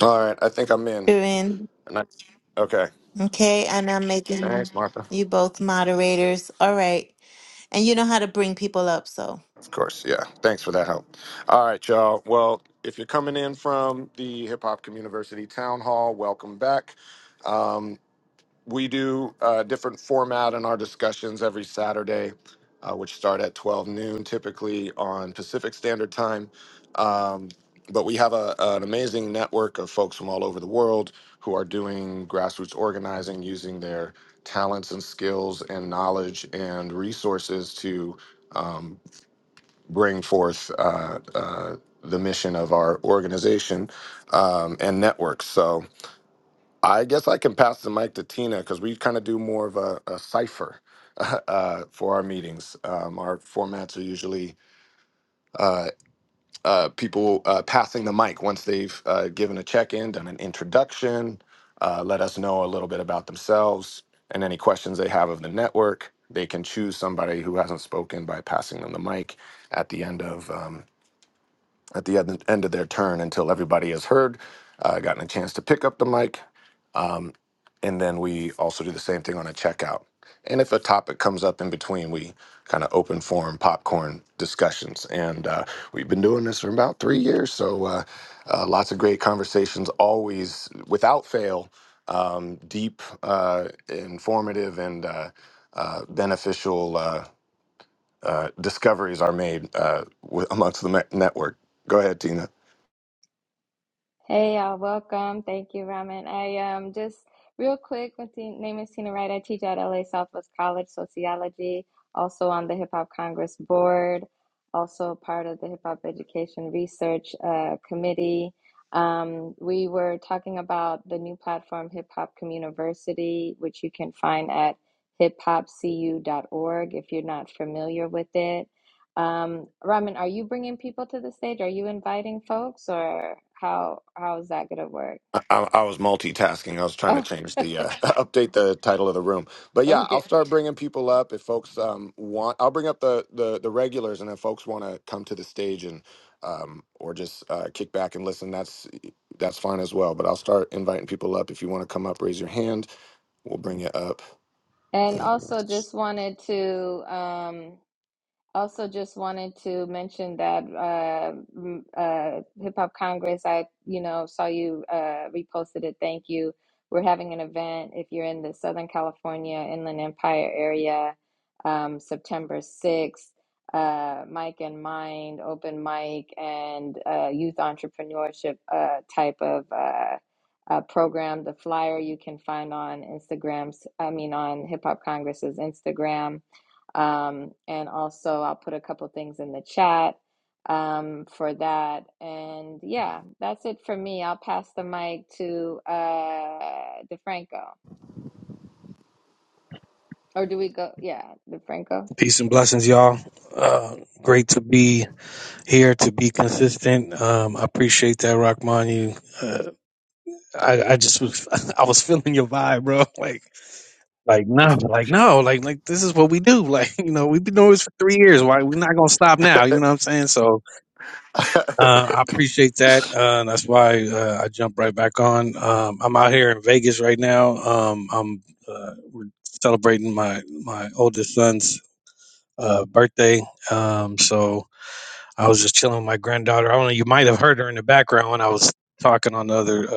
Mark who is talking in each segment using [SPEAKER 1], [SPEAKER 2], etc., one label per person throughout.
[SPEAKER 1] All right, I think I'm in.
[SPEAKER 2] doing.
[SPEAKER 1] And I, okay.
[SPEAKER 2] Okay, and I'm making
[SPEAKER 1] Thanks, Martha.
[SPEAKER 2] you both moderators. All right. And you know how to bring people up, so.
[SPEAKER 1] Of course, yeah. Thanks for that help. All right, y'all. Well, if you're coming in from the Hip Hop Community Town Hall, welcome back. Um, we do a different format in our discussions every Saturday, uh, which start at 12 noon, typically on Pacific Standard Time. Um, but we have a, an amazing network of folks from all over the world who are doing grassroots organizing using their talents and skills and knowledge and resources to um, bring forth uh, uh, the mission of our organization um, and networks. So, I guess I can pass the mic to Tina because we kind of do more of a, a cipher uh, for our meetings. Um, our formats are usually uh, uh, people uh, passing the mic once they've uh, given a check in, done an introduction, uh, let us know a little bit about themselves and any questions they have of the network. They can choose somebody who hasn't spoken by passing them the mic at the end of. um, at the end end of their turn until everybody has heard, uh, gotten a chance to pick up the mic. Um, and then we also do the same thing on a checkout. And if a topic comes up in between, we kind of open forum popcorn discussions. And uh, we've been doing this for about three years. So uh, uh, lots of great conversations, always without fail, um, deep, uh, informative, and uh, uh, beneficial uh, uh, discoveries are made uh, wi- amongst the me- network. Go ahead, Tina.
[SPEAKER 3] Hey y'all, welcome. Thank you, Raman. I um just real quick, my te- name is Tina Wright. I teach at LA Southwest College Sociology, also on the Hip Hop Congress Board, also part of the Hip Hop Education Research uh, Committee. Um, we were talking about the new platform Hip Hop Communiversity, which you can find at hip hop c u dot org. if you're not familiar with it. Um, Raman, are you bringing people to the stage? Are you inviting folks, or how how is that gonna work?
[SPEAKER 1] I, I I was multitasking. I was trying to
[SPEAKER 3] Oh,
[SPEAKER 1] change the uh, update the title of the room. But yeah, I'll
[SPEAKER 3] okay.
[SPEAKER 1] start bringing people up if folks um, want. I'll bring up the the, the regulars, and if folks want to come to the stage and um, or just uh, kick back and listen, that's that's fine as well. But I'll start inviting people up. If you want to come up, raise your hand. We'll bring you up.
[SPEAKER 3] And
[SPEAKER 1] And
[SPEAKER 3] also, just wanted to um, Also, just wanted to mention that uh, m- uh, Hip Hop Congress, I you know saw you uh, reposted it. Thank you. We're having an event if you're in the Southern California Inland Empire area, um, September 6th. Uh, Mike and Mind, open mic, and uh, youth entrepreneurship uh, type of uh, uh, program. The flyer you can find on Instagrams. I mean, on Hip Hop Congress's Instagram um, and also, I'll put a couple things in the chat um, for that. And yeah, that's it for me. I'll pass the mic to uh, DeFranco. Or do we go? Yeah, DeFranco.
[SPEAKER 4] Peace and blessings, y'all. Uh, great to be here, to be consistent. Um, I appreciate that, Rockman. You, uh, I, I just was, I was feeling your vibe, bro. Like, like no, like no, like like this is what we do. Like, you know, we've been doing this for three years. Why we're not gonna stop now? You know what I'm saying? So, uh, I appreciate that. Uh, and that's why uh, I jumped right back on. Um, I'm out here in Vegas right now. Um, I'm uh, we're celebrating my my oldest son's uh, birthday. Um, so. I was just chilling with my granddaughter. I don't know. You might have heard her in the background when I was talking on the other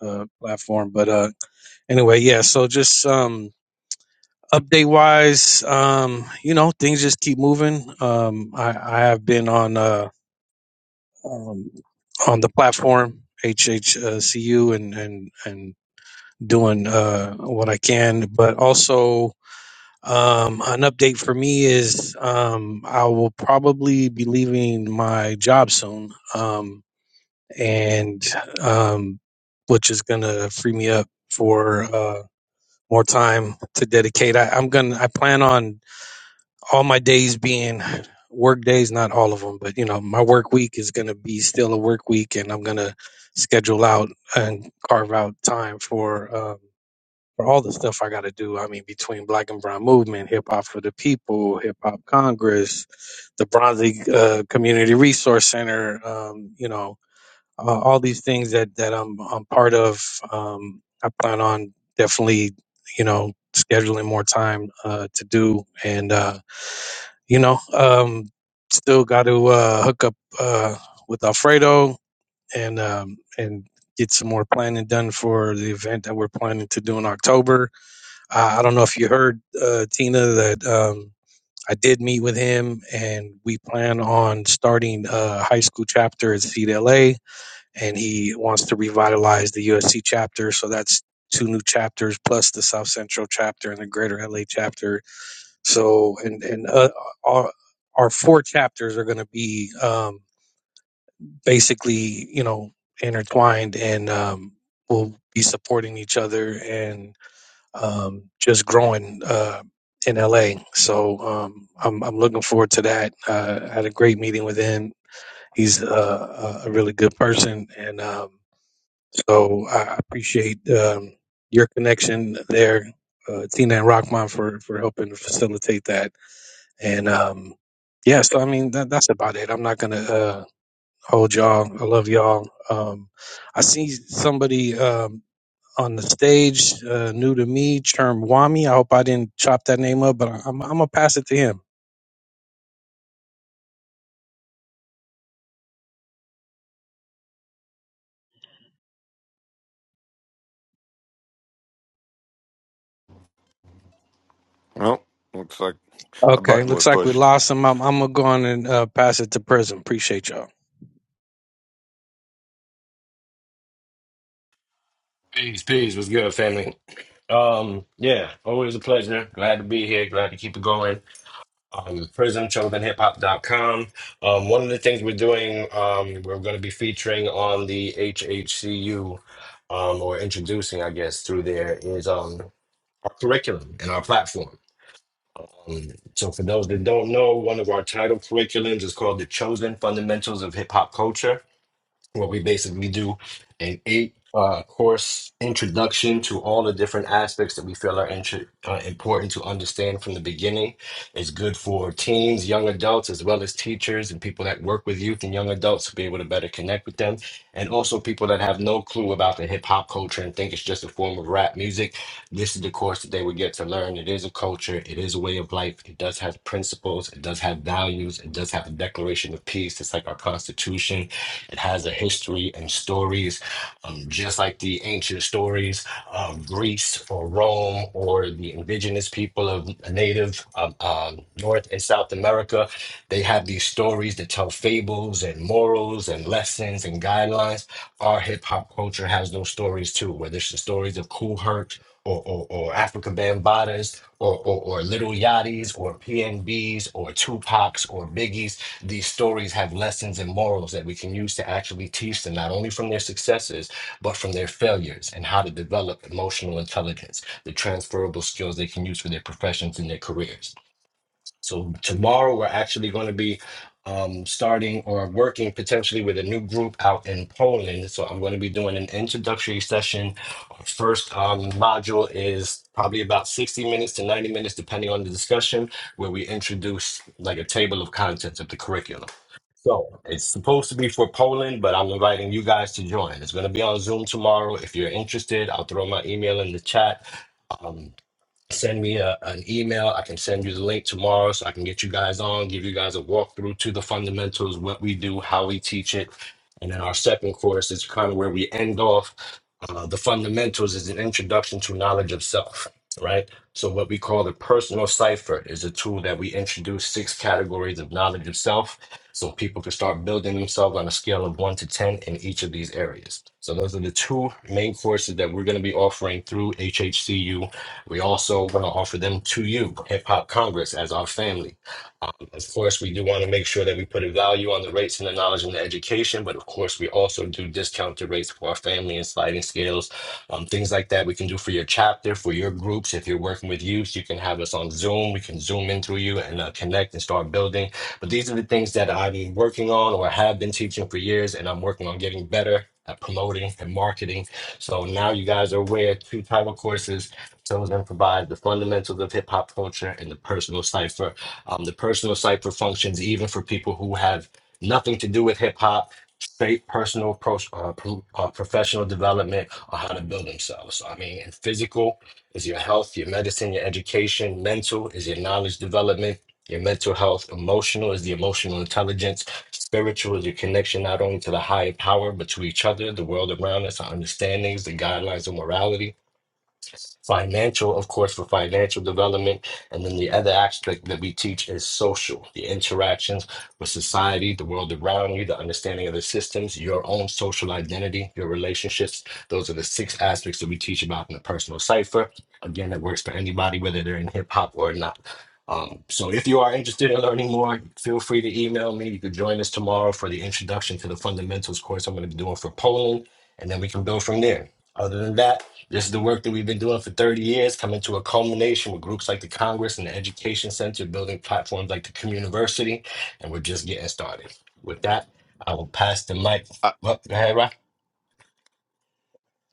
[SPEAKER 4] uh, uh, platform. But uh, anyway, yeah. So just um, update wise, um, you know, things just keep moving. Um, I, I have been on uh, um, on the platform HHCU and and and doing uh, what I can, but also. Um, an update for me is um, I will probably be leaving my job soon. Um, and um, which is gonna free me up for uh, more time to dedicate. I, I'm gonna I plan on all my days being work days, not all of them, but you know my work week is gonna be still a work week, and I'm gonna schedule out and carve out time for. Um, for all the stuff I got to do, I mean, between Black and Brown Movement, Hip Hop for the People, Hip Hop Congress, the Bronze League uh, Community Resource Center, um, you know, uh, all these things that that I'm I'm part of. Um, I plan on definitely, you know, scheduling more time uh, to do, and uh, you know, um, still got to uh, hook up uh, with Alfredo and um, and get some more planning done for the event that we're planning to do in October. Uh, I don't know if you heard uh, Tina that. Um, I did meet with him, and we plan on starting a high school chapter at CDLA and he wants to revitalize the USC chapter. So that's two new chapters plus the South Central chapter and the Greater LA chapter. So and and uh, our our four chapters are going to be um, basically you know intertwined and um, will be supporting each other and um, just growing. Uh, in LA, so um, I'm I'm looking forward to that. Uh, I had a great meeting with him. He's uh, a really good person, and um, so I appreciate um, your connection there, uh, Tina and Rockman, for, for helping to facilitate that. And um, yeah, so I mean, that, that's about it. I'm not going to uh, hold y'all. I love y'all. Um, I see somebody um, on the stage, uh, new to me, Cherm Wami. I hope I didn't chop that name up, but I- I'm, I'm going to pass it to him.
[SPEAKER 1] well, looks like a
[SPEAKER 4] Okay,
[SPEAKER 1] button was
[SPEAKER 4] looks like we
[SPEAKER 1] pushed.
[SPEAKER 4] lost him. I'm, I'm gonna go on and uh, pass it to Prism. Appreciate y'all.
[SPEAKER 5] Peace, peace. What's good, family? Um, yeah, always a pleasure. Glad to be here. Glad to keep it going. Um, prismchosenhiphop.com. Um, one of the things we're doing, um, we're going to be featuring on the HHCU, um, or introducing, I guess, through there is um our curriculum and our platform. Um, so for those that don't know, one of our title curriculums is called "The Chosen Fundamentals of Hip Hop Culture." where we basically do an eight uh, course introduction to all the different aspects that we feel are intro uh, important to understand from the beginning. It's good for teens, young adults, as well as teachers and people that work with youth and young adults to be able to better connect with them. And also people that have no clue about the hip hop culture and think it's just a form of rap music. This is the course that they would get to learn. It is a culture, it is a way of life, it does have principles, it does have values, it does have a declaration of peace. It's like our constitution. It has a history and stories, um, just like the ancient stories of Greece or Rome or the indigenous people of native um, um, North and South America. They have these stories that tell fables and morals and lessons and guidelines. Our hip hop culture has those stories too, whether it's the stories of Cool Herc or, or, or African Bambatas or, or, or Little Yachties or PNBs or Tupacs or Biggies. These stories have lessons and morals that we can use to actually teach them, not only from their successes, but from their failures and how to develop emotional intelligence, the transferable skills they can use for their professions and their careers. So tomorrow we're actually going to be um, starting or working potentially with a new group out in Poland. So I'm going to be doing an introductory session. Our first um, module is probably about 60 minutes to 90 minutes, depending on the discussion, where we introduce like a table of contents of the curriculum. So it's supposed to be for Poland, but I'm inviting you guys to join. It's going to be on Zoom tomorrow. If you're interested, I'll throw my email in the chat. Um, send me a, an email. I can send you the link tomorrow so I can get you guys on, give you guys a walkthrough to the fundamentals, what we do, how we teach it. And then our second course is kind of where we end off. Uh, the fundamentals is an introduction to knowledge of self, right? So, what we call the personal cipher is a tool that we introduce six categories of knowledge of self so people can start building themselves on a scale of one to 10 in each of these areas. So, those are the two main courses that we're going to be offering through HHCU we also want to offer them to you, Hip Hop Congress, as our family. Um, of course, we do want to make sure that we put a value on the rates and the knowledge and the education, but of course, we also do discounted rates for our family and sliding scales, um, things like that. We can do for your chapter, for your groups. If you're working with youth, you can have us on Zoom. We can zoom in through you and uh, connect and start building. But these are the things that I'm working on or have been teaching for years, and I'm working on getting better at promoting and marketing. So now you guys are aware two title courses Chosen provides the fundamentals of hip hop culture and the personal cipher. Um, the personal cipher functions even for people who have nothing to do with hip hop, straight personal pro- uh, pro- uh, professional development on how to build themselves. So, I mean, in physical is your health, your medicine, your education. Mental is your knowledge development. Your mental health, emotional is the emotional intelligence, spiritual is your connection not only to the higher power, but to each other, the world around us, our understandings, the guidelines of morality Financial, of course, for financial development. And then the other aspect that we teach is social, the interactions with society, the world around you, the understanding of the systems, your own social identity, your relationships. Those are the six aspects that we teach about in the personal cipher. Again, it works for anybody, whether they're in hip hop or not. Um, so if you are interested in learning more, feel free to email me. You can join us tomorrow for the introduction to the fundamentals course I'm going to be doing for Poland, and then we can build from there. Other than that, this is the work that we've been doing for 30 years, coming to a culmination with groups like the Congress and the Education Center, building platforms like the Community University, and we're just getting started. With that, I will pass the mic. Well, go ahead, Rock.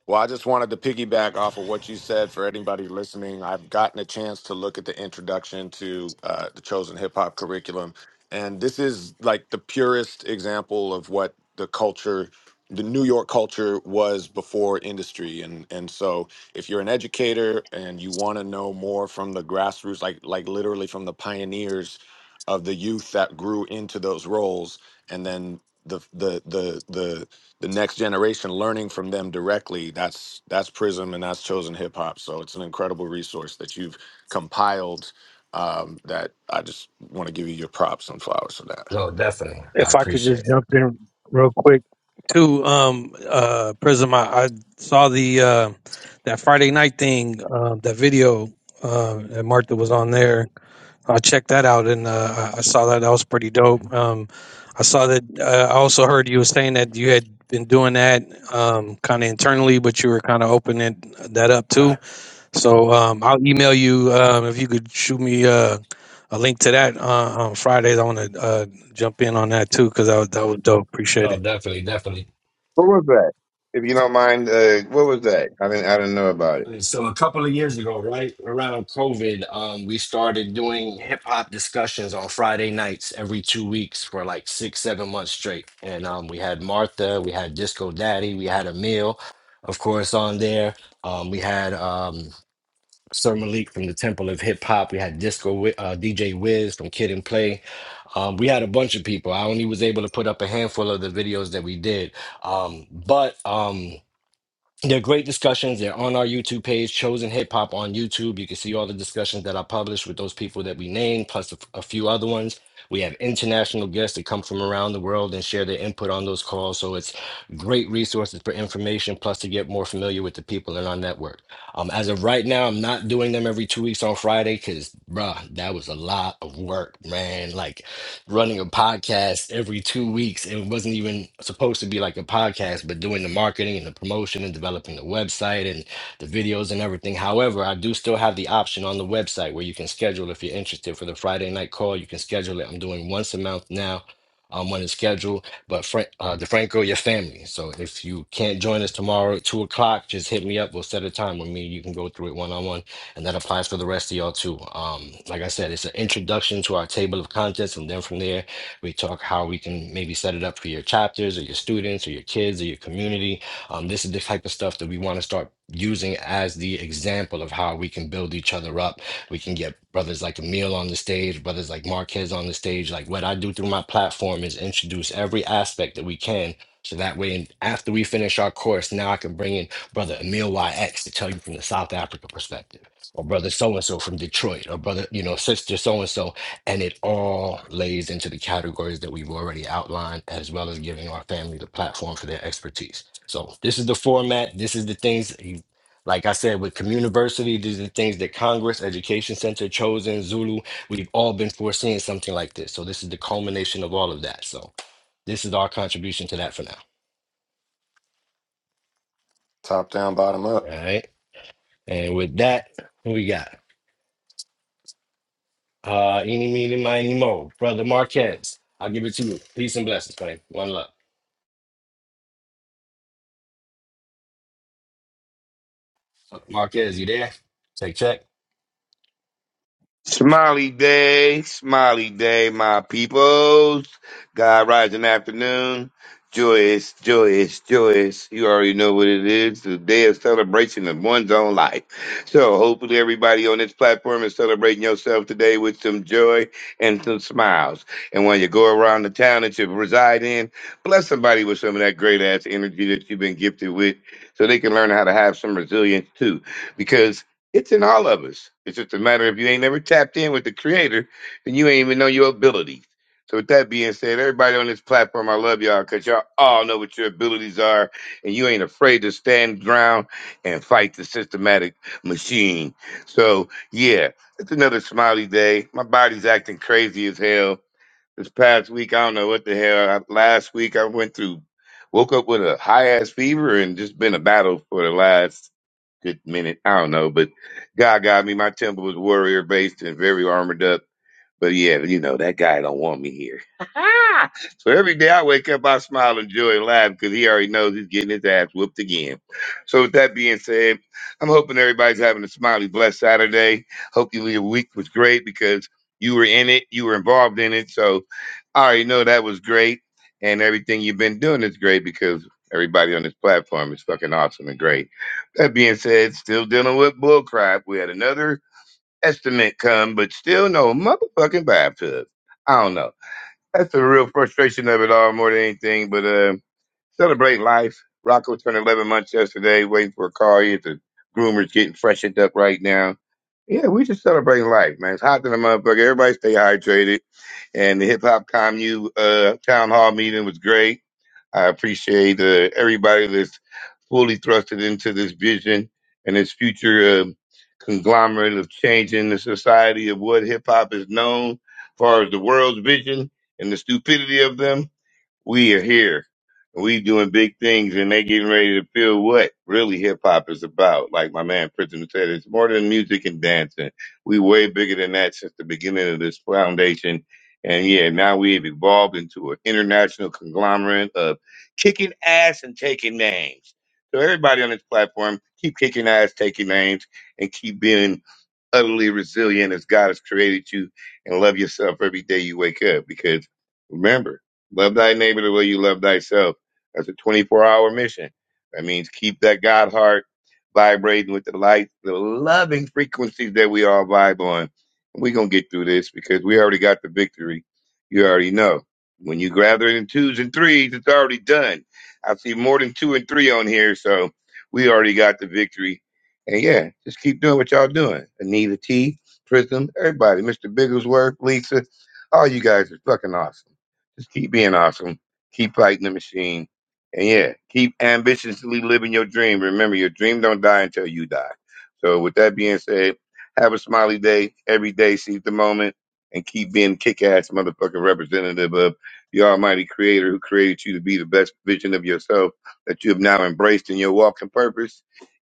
[SPEAKER 1] Well, I just wanted to piggyback off of what you said for anybody listening. I've gotten a chance to look at the introduction to uh, the Chosen Hip Hop curriculum. And this is like the purest example of what the culture, the New York culture was before industry. And and so if you're an educator and you want to know more from the grassroots, like like literally from the pioneers of the youth that grew into those roles, and then the the the the the next generation learning from them directly that's that's prism and that's chosen hip hop so it's an incredible resource that you've compiled um, that i just want to give you your props and flowers for that
[SPEAKER 5] No, definitely. I
[SPEAKER 4] if I could
[SPEAKER 5] appreciate
[SPEAKER 4] just
[SPEAKER 5] it.
[SPEAKER 4] jump in real quick to um uh Prism, I, I saw the uh that Friday night thing, um that video uh that Martha was on there. I checked that out and uh I I saw that that was pretty dope. Um I saw that uh, I also heard you were saying that you had been doing that um kind of internally but you were kind of opening that up too.
[SPEAKER 5] Right.
[SPEAKER 4] So um, I'll email you um, if you could shoot me uh, a link to that uh, on Fridays. I want to uh, jump in on that too because that was, that was dope. Appreciate
[SPEAKER 5] No,
[SPEAKER 4] it.
[SPEAKER 5] definitely, definitely.
[SPEAKER 6] What was that? If you don't mind, uh, what was that? I didn't, I didn't know about it.
[SPEAKER 5] So a couple of years ago, right around COVID, um, we started doing hip hop discussions on Friday nights every two weeks for like six, seven months straight. And um, we had Martha, we had Disco Daddy, we had Emil, of course, on there. Um, we had um, Sir Malik from the Temple of Hip Hop. We had Disco Wi- uh, DJ Wiz from Kid and Play. Um, we had a bunch of people. I only was able to put up a handful of the videos that we did, um, but. Um, they're great discussions. They're on our YouTube page, Chosen Hip Hop on YouTube. You can see all the discussions that I published with those people that we named, plus a, a few other ones. We have international guests that come from around the world and share their input on those calls. So it's great resources for information, plus to get more familiar with the people in our network. Um, as of right now, I'm not doing them every two weeks on Friday because, bruh, that was a lot of work, man. Like running a podcast every two weeks. It wasn't even supposed to be like a podcast, but doing the marketing and the promotion and developing the website and the videos and everything. However, I do still have the option on the website where you can schedule if you're interested for the Friday night call. You can schedule it. I'm doing once a month now. Um, on the schedule, but Frank, uh, DeFranco, your family. So if you can't join us tomorrow at two o'clock, just hit me up. We'll set a time with me. You can go through it one on one and that applies for the rest of y'all too. Um, like I said, it's an introduction to our table of contents, and then from there we talk how we can maybe set it up for your chapters or your students or your kids or your community. Um, this is the type of stuff that we want to start using as the example of how we can build each other up. We can get brothers like Emil on the stage, brothers like Marquez on the stage. Like what I do through my platform is introduce every aspect that we can. So that way, and after we finish our course, now I can bring in brother Emil YX to tell you from the South Africa perspective or brother so and so from Detroit, or brother, you know, sister so and so. And it all lays into the categories that we've already outlined, as well as giving our family the platform for their expertise. So, this is the format. This is the things, you- like I said, with Communiversity, these are the things that Congress, Education Center, Chosen, Zulu, we've all been foreseeing something like this. So, this is the culmination of all of that. So, this is our contribution to that for now.
[SPEAKER 1] top down bottom
[SPEAKER 5] All
[SPEAKER 1] up
[SPEAKER 5] right. And with that, who we got? Uh, any, meeny, miny, mo. Brother Marquez, I'll give it to you. Peace and blessings, man. One love. Marquez, you there? Take check.
[SPEAKER 6] Smiley day, smiley day, my peoples. God rising afternoon. Joyous, joyous, joyous. You already know what it is. The day of celebration of one's own life. So hopefully everybody on this platform is celebrating yourself today with some joy and some smiles. And when you go around the town that you reside in, bless somebody with some of that great ass energy that you've been gifted with so they can learn how to have some resilience too. Because it's in all of us. It's just a matter if you ain't never tapped in with the creator, then you ain't even know your abilities. So with that being said, everybody on this platform, I love y'all because y'all all know what your abilities are and you ain't afraid to stand ground and fight the systematic machine. So yeah, it's another smiley day. My body's acting crazy as hell. This past week, I don't know what the hell. I- Last week I went through, woke up with a high ass fever and just been a battle for the last good minute. I don't know, but God got me. My temple was warrior based and very armored up. But yeah, you know, that guy don't want me here. so every day I wake up, I smile and joy and laugh because he already knows he's getting his ass whooped again. So with that being said, I'm hoping everybody's having a smiley, blessed Saturday. Hopefully your week was great because you were in it, you were involved in it. So I already know that was great, and everything you've been doing is great because everybody on this platform is fucking awesome and great. That being said, still dealing with bullcrap. We had another estimate come, but still no motherfucking Baptist. I don't know. That's the real frustration of it all more than anything, but uh, celebrate life. Rocco turned 11 months yesterday, waiting for a call. He at the groomer's getting freshened up right now. Yeah, we just celebrating life, man. It's hot than the motherfucker. Everybody stay hydrated and the hip hop commu uh, town hall meeting was great. I appreciate uh, everybody that's fully thrusted into this vision and this future uh, conglomerate of changing the society of what hip hop is known, as far as the world's vision and the stupidity of them we are here. We doing big things and they getting ready to feel what really hip hop is about. Like my man Prism said, it's more than music and dancing. We way bigger than that since the beginning of this foundation. And yeah, now we've evolved into an international conglomerate of kicking ass and taking names. So everybody on this platform, keep kicking ass, taking names, and keep being utterly resilient as God has created you and love yourself every day you wake up. Because remember, love thy neighbor the way you love thyself. That's a 24 hour mission. That means keep that God heart vibrating with the light, the loving frequencies that we all vibe on. And we're going to get through this because we already got the victory. You already know. When you gather in twos and threes, it's already done. I see more than two and three on here, so we already got the victory and yeah, just keep doing what y'all doing. Anita T, Prism, everybody, Mr. Bigglesworth, Lisa, all you guys are fucking awesome. Just keep being awesome. Keep fighting the machine. And yeah, keep ambitiously living your dream. Remember, your dream don't die until you die. So with that being said, have a smiley day every day. Seize the moment and keep being kick-ass motherfucking representative of the almighty creator who created you to be the best vision of yourself that you have now embraced in your walking purpose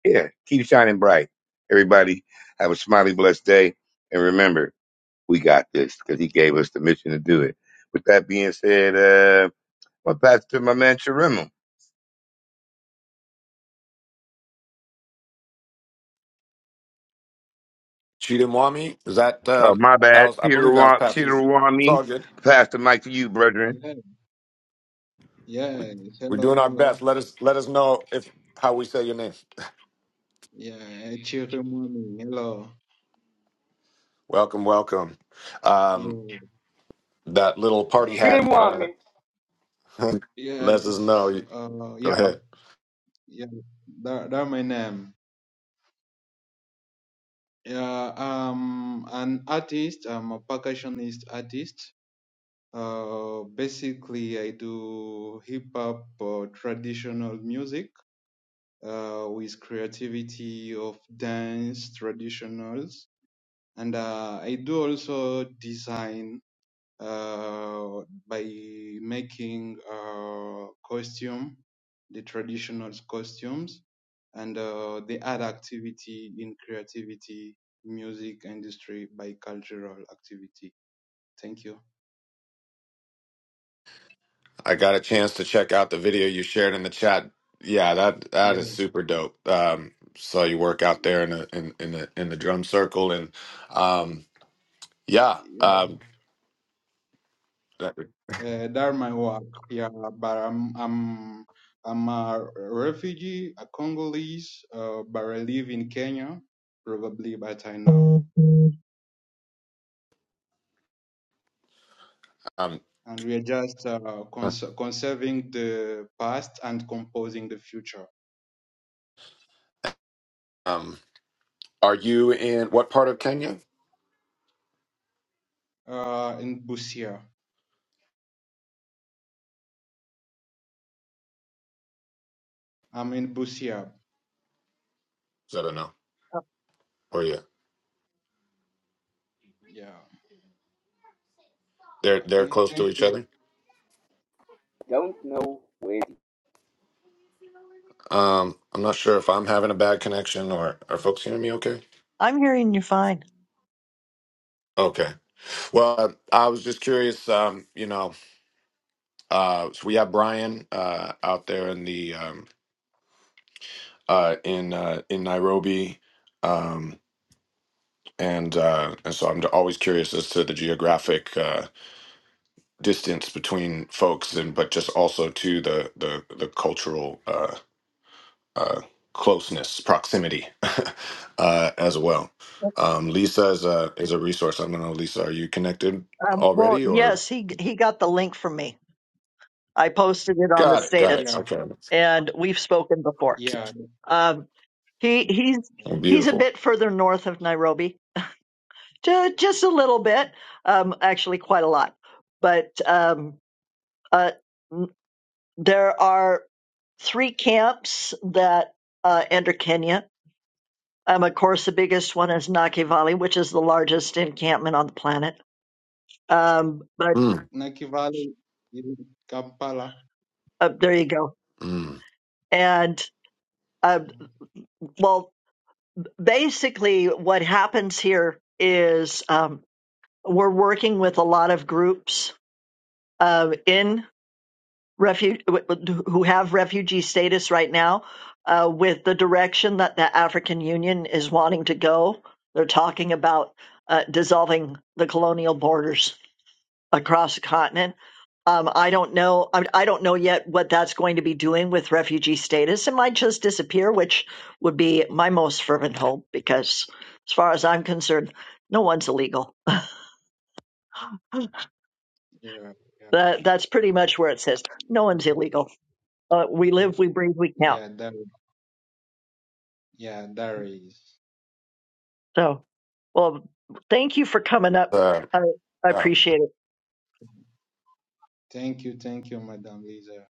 [SPEAKER 6] yeah, keep shining bright. Everybody have a smiley, blessed day. And remember, we got this because he gave us the mission to do it. With that being said, uh, i pastor my man Chirimu.
[SPEAKER 1] she didn't want me is that uh,
[SPEAKER 6] Oh, my
[SPEAKER 1] that
[SPEAKER 6] bad.
[SPEAKER 1] was i believe that was past you it's
[SPEAKER 6] Chirwami.
[SPEAKER 1] all good
[SPEAKER 6] Pass the mic to you, brethren.
[SPEAKER 7] Yeah,
[SPEAKER 1] we,
[SPEAKER 7] yeah.
[SPEAKER 1] we're
[SPEAKER 7] Hello,
[SPEAKER 1] doing our best
[SPEAKER 7] hello.
[SPEAKER 1] let us let us know if how we say your name
[SPEAKER 7] Yeah, Chiri morning. Hello.
[SPEAKER 1] welcome welcome um,
[SPEAKER 7] You.
[SPEAKER 1] that little
[SPEAKER 7] Uh,
[SPEAKER 1] party hat uh,
[SPEAKER 8] Chirimoami.
[SPEAKER 7] yeah.
[SPEAKER 1] lets us
[SPEAKER 7] it's,
[SPEAKER 1] know
[SPEAKER 7] Uh,
[SPEAKER 1] go
[SPEAKER 7] yeah.
[SPEAKER 1] ahead
[SPEAKER 7] Yeah. That that my name. Yeah. I'm an artist. I'm a percussionist artist. Uh, basically, I do hip hop or traditional music. Uh, with creativity of dance traditionals, and uh, I do also design uh, by making uh, costume, the traditional costumes, and uh, the other activity in creativity, music industry by cultural activity. Thank you.
[SPEAKER 1] I got a chance to check out the video you shared in the chat. Yeah, that that
[SPEAKER 7] Yeah,
[SPEAKER 1] is super dope. Um, saw you work out there in the in, in the in the drum circle, and um, yeah.
[SPEAKER 7] yeah.
[SPEAKER 1] Um, that-
[SPEAKER 7] Uh, that's my work. Yeah, but I'm I'm I'm a refugee, a Congolese, uh, but I live in Kenya. Probably, but I know.
[SPEAKER 1] um,
[SPEAKER 7] and we are just uh, cons- conserving the past and composing the future.
[SPEAKER 1] um, are you in what part of
[SPEAKER 7] Yeah.
[SPEAKER 1] Kenya?
[SPEAKER 7] Uh, in Busia, I'm in Busia.
[SPEAKER 1] I don't know. Or yeah,
[SPEAKER 7] Yeah.
[SPEAKER 1] they're they're
[SPEAKER 7] Okay.
[SPEAKER 1] close to
[SPEAKER 7] Thank
[SPEAKER 1] each
[SPEAKER 7] you.
[SPEAKER 1] other.
[SPEAKER 8] Don't know where the
[SPEAKER 1] Um, I'm not sure if I'm having a bad connection or are folks hearing me okay?
[SPEAKER 9] I'm hearing you fine.
[SPEAKER 1] Okay. Well, uh, I was just curious. Um, you know, uh, so we have Brian uh, out there in the um, uh, in uh, in Nairobi, um, and uh, and so I'm always curious as to the geographic uh, distance between folks, and but just also to the the the cultural uh, uh, closeness, proximity, uh, as well. Um, Lisa is a is a resource. I don't know, Lisa, are you connected
[SPEAKER 9] Um, well,
[SPEAKER 1] already or?
[SPEAKER 9] yes, he he got the link from me. I posted it on the
[SPEAKER 1] Got it, got it.
[SPEAKER 9] status,
[SPEAKER 7] Yeah.
[SPEAKER 1] Okay,
[SPEAKER 9] and we've spoken before.
[SPEAKER 7] Yeah.
[SPEAKER 9] Um, he he's
[SPEAKER 7] yeah.
[SPEAKER 9] he's a
[SPEAKER 1] beautiful.
[SPEAKER 9] bit further north of Nairobi, ju- just a little bit, um, actually quite a lot. But um, uh, n- there are three camps that uh, enter Kenya. Um, of course, the biggest one is Nake Valley, which is the largest encampment on the planet. Um, but
[SPEAKER 1] Mm,
[SPEAKER 7] Naki Valley in Kampala.
[SPEAKER 9] uh, there you go.
[SPEAKER 1] mm.
[SPEAKER 9] And Uh, well, basically, what happens here is um, we're working with a lot of groups uh, in refu- who have refugee status right now, uh, with the direction that the African Union is wanting to go. They're talking about uh, dissolving the colonial borders across the continent. Um, I don't know. I, I don't know yet what that's going to be doing with refugee status. It might just disappear, which would be my most fervent hope, because as far as I'm concerned, no one's illegal.
[SPEAKER 7] Yeah. Yeah.
[SPEAKER 9] That, that's pretty much where it says no one's illegal. Uh, we live, we breathe, we count.
[SPEAKER 7] Yeah. There. Yeah. There is.
[SPEAKER 9] So, well, thank you for coming up.
[SPEAKER 1] Uh,
[SPEAKER 9] I, I
[SPEAKER 1] yeah.
[SPEAKER 9] appreciate
[SPEAKER 7] Thank you. Thank you, Madam Lisa.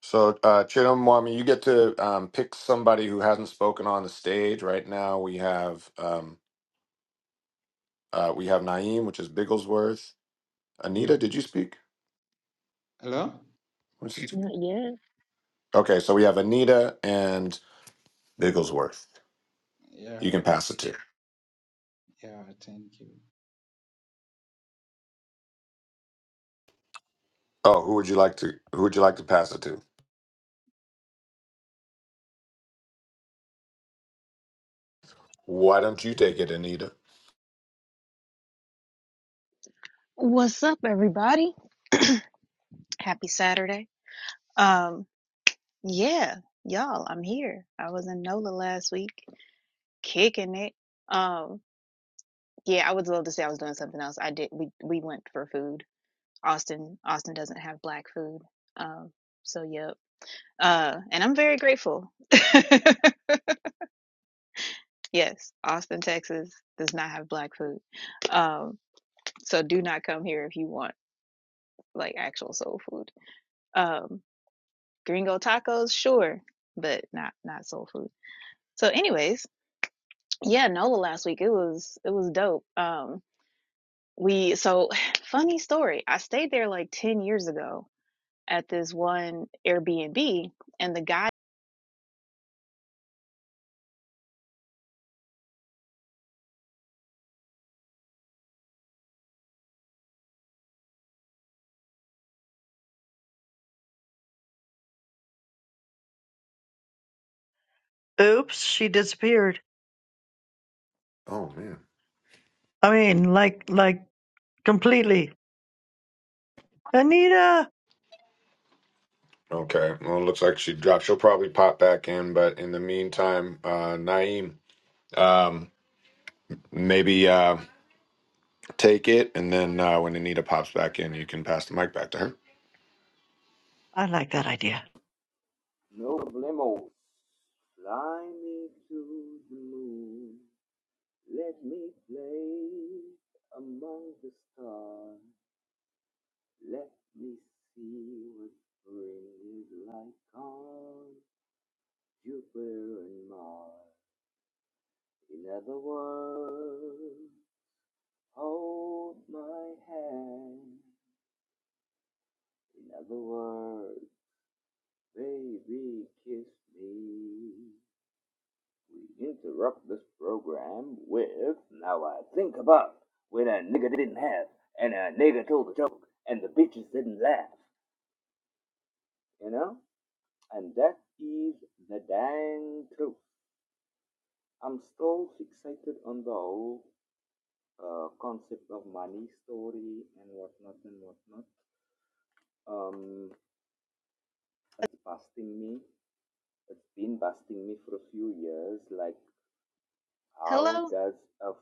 [SPEAKER 1] So, uh, Chidimwami, you get to um, pick somebody who hasn't spoken on the stage. Right now, we have um, uh, we have Naeem, which is Bigglesworth.
[SPEAKER 7] Yeah.
[SPEAKER 1] Anita, did you speak?
[SPEAKER 7] Hello.
[SPEAKER 1] What's his-
[SPEAKER 10] Not yet.
[SPEAKER 1] Okay, so we have Anita and Bigglesworth.
[SPEAKER 7] Yeah.
[SPEAKER 1] You can pass it to.
[SPEAKER 7] Yeah. Thank you.
[SPEAKER 1] Oh, who would you like to? Who would you like to pass it to? Why don't you take it, Anita?
[SPEAKER 10] What's up, everybody? Happy Saturday. Um, yeah, y'all, I'm here. I was in NOLA last week, kicking it. Um, yeah, I would love to say I was doing something else. I did. We we went for food. Austin Austin doesn't have black food. Um, so yep. Uh, and I'm very grateful. Yes, Austin, Texas does not have black food. Um, so do not come here if you want like actual soul food. Um. Gringo tacos, sure, but not not soul food. So, anyways, yeah, NOLA last week it was it was dope. Um, we so funny story. I stayed there like ten years ago at this one Airbnb, and the guy,
[SPEAKER 9] it. Oops, she disappeared.
[SPEAKER 1] Oh man.
[SPEAKER 9] I mean, like, like completely. Anita,
[SPEAKER 1] Okay. Well, it looks like she dropped. She'll probably pop back in, but in the meantime, uh, Naeem, um, maybe. Uh, take it, and then uh, when Anita pops back in, you can pass the mic back to her.
[SPEAKER 9] I like that idea.
[SPEAKER 8] no problemos. Fly me to the moon. Let me play among the stars. Let me see what spring is like on Jupiter and Mars. In other words, hold my hand. In other words, baby, kiss me. We interrupt this program with Now I Think About when a nigga didn't have and a nigga told a joke and the bitches didn't laugh, you know? And that is the dang truth. I'm still fixated on the whole uh, concept of money story and whatnot and whatnot. Um, it's busting me. It's been busting me for a few years. Like, how
[SPEAKER 10] hello,
[SPEAKER 8] does a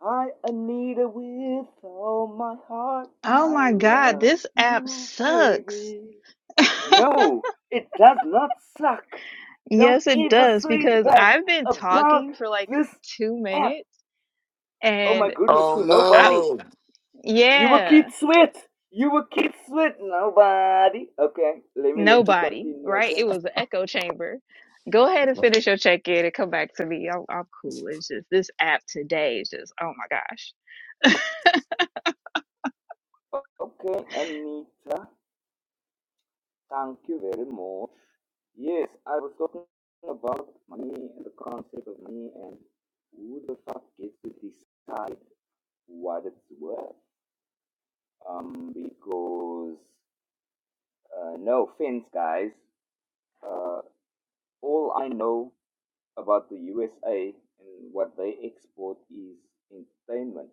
[SPEAKER 8] I Anita, with all my heart,
[SPEAKER 10] oh
[SPEAKER 8] I
[SPEAKER 10] my god,
[SPEAKER 8] love
[SPEAKER 10] this app
[SPEAKER 8] you,
[SPEAKER 10] sucks.
[SPEAKER 8] baby. No, it does not suck. Don't
[SPEAKER 10] yes, it
[SPEAKER 8] ever
[SPEAKER 10] does
[SPEAKER 8] say
[SPEAKER 10] because
[SPEAKER 8] that
[SPEAKER 10] I've been
[SPEAKER 8] about
[SPEAKER 10] talking for like
[SPEAKER 8] this
[SPEAKER 10] two
[SPEAKER 8] app.
[SPEAKER 10] minutes,
[SPEAKER 8] Oh my
[SPEAKER 10] and
[SPEAKER 8] goodness,
[SPEAKER 1] Oh
[SPEAKER 8] to
[SPEAKER 10] I
[SPEAKER 8] nobody.
[SPEAKER 1] no,
[SPEAKER 8] You were
[SPEAKER 10] yeah.
[SPEAKER 8] Kid Sweat. You were Kid Sweat, nobody. Okay, let me let you
[SPEAKER 10] Nobody,
[SPEAKER 8] continue,
[SPEAKER 10] right?
[SPEAKER 8] okay?
[SPEAKER 10] It was an echo chamber. Go ahead and finish your check in and come back to me. I'm, I'm cool. It's just this app today is just, oh
[SPEAKER 8] Okay, Anita, thank you very much. Yes, I was talking about money and the concept of money and who the fuck gets to decide what it's worth. Um, because, uh, no offense, guys, uh, all I know about the USA and what they export is entertainment.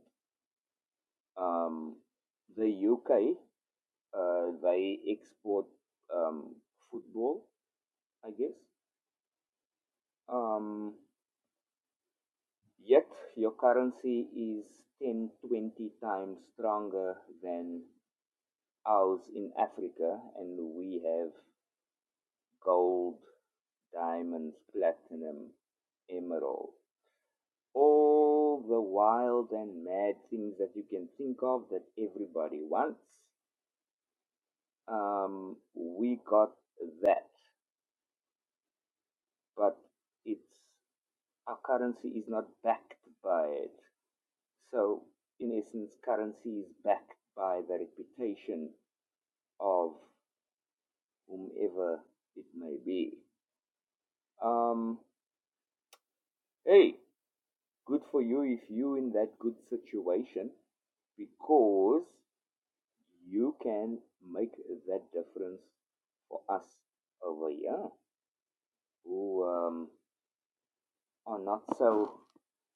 [SPEAKER 8] Um, the UK, uh, they export um, football, I guess. Um, Yet your currency is 10, 20 times stronger than ours in Africa, and we have gold, diamonds, platinum, emerald. All the wild and mad things that you can think of that everybody wants. Um, we got that, but it's our currency is not backed by it. So, in essence, currency is backed by the reputation of whomever it may be. Um, hey, good for you if you are in that good situation because you can make that difference for us over here who um, are not so,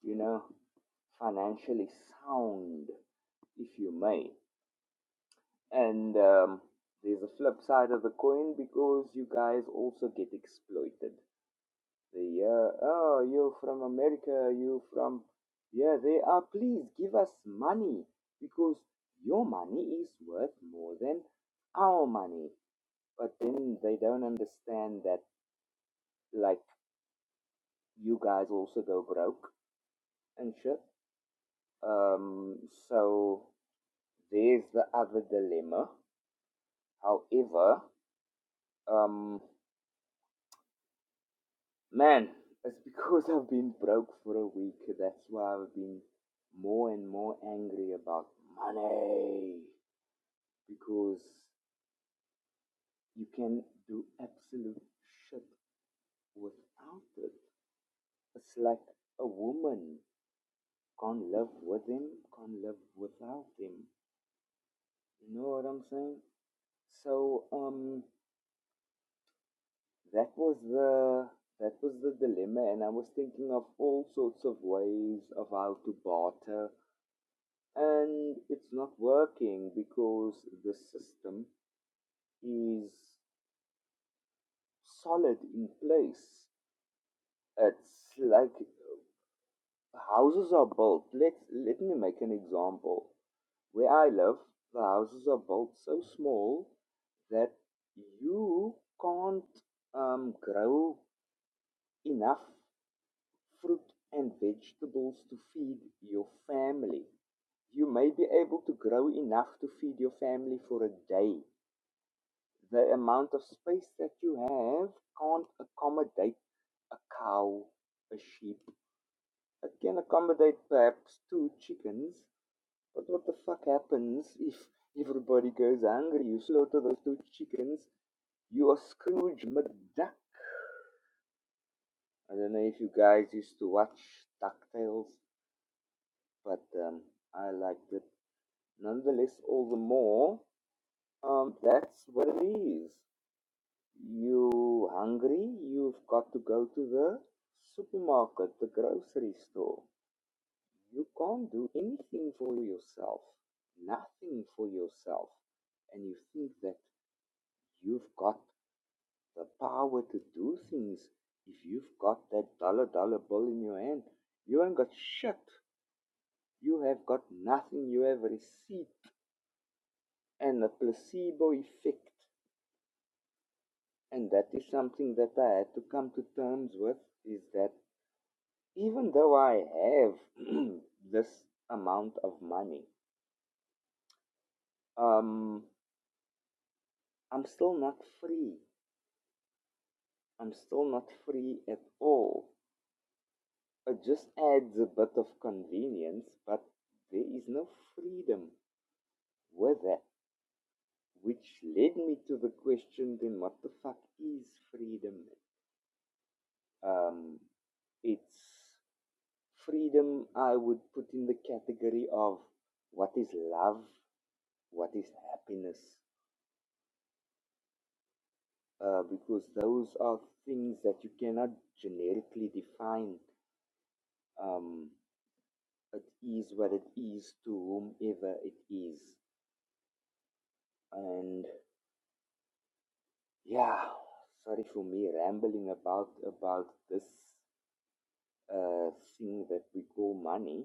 [SPEAKER 8] you know, financially sound, if you may. And um, there's a flip side of the coin because you guys also get exploited They are, oh, you're from America, you from, yeah, they are, please give us money because your money is worth more than our money. But then they don't understand that, like, you guys also go broke and shit. Um, so there's the other dilemma. However, um, Man, it's because I've been broke for a week. That's why I've been more and more angry about money. Because you can do absolute shit without it. It's like a woman can't live with him, can't live without him. You know what I'm saying? So, um, that was the that was the dilemma, and I was thinking of all sorts of ways of how to barter and it's not working because the system is solid in place. It's like houses are built. Let let me make an example. Where I live, the houses are built so small that you can't um, grow enough fruit and vegetables to feed your family. You may be able to grow enough to feed your family for a day, the amount of space that you have can't accommodate a cow, a sheep. It can accommodate perhaps two chickens. But what the fuck happens if everybody goes hungry? You slaughter those two chickens, you are Scrooge McDuck. I don't know if you guys used to watch DuckTales, but um, I liked it nonetheless all the more. Um, that's what it is. You hungry? You've got to go to the supermarket, the grocery store. You can't do anything for yourself, nothing for yourself. And you think that you've got the power to do things. If you've got that dollar dollar bill in your hand, you ain't got shit. You have got nothing. You have receipt and a placebo effect. And that is something that I had to come to terms with is that Even though I have this amount of money, um, I'm still not free. I'm still not free at all. It just adds a bit of convenience, but there is no freedom with that, which led me to the question then what the fuck is freedom? Um, it's freedom I would put in the category of what is love, what is happiness, uh, because those are things that you cannot generically define. Um, it is what it is to whomever it is, and yeah, sorry for me rambling about about this uh, thing that we call money,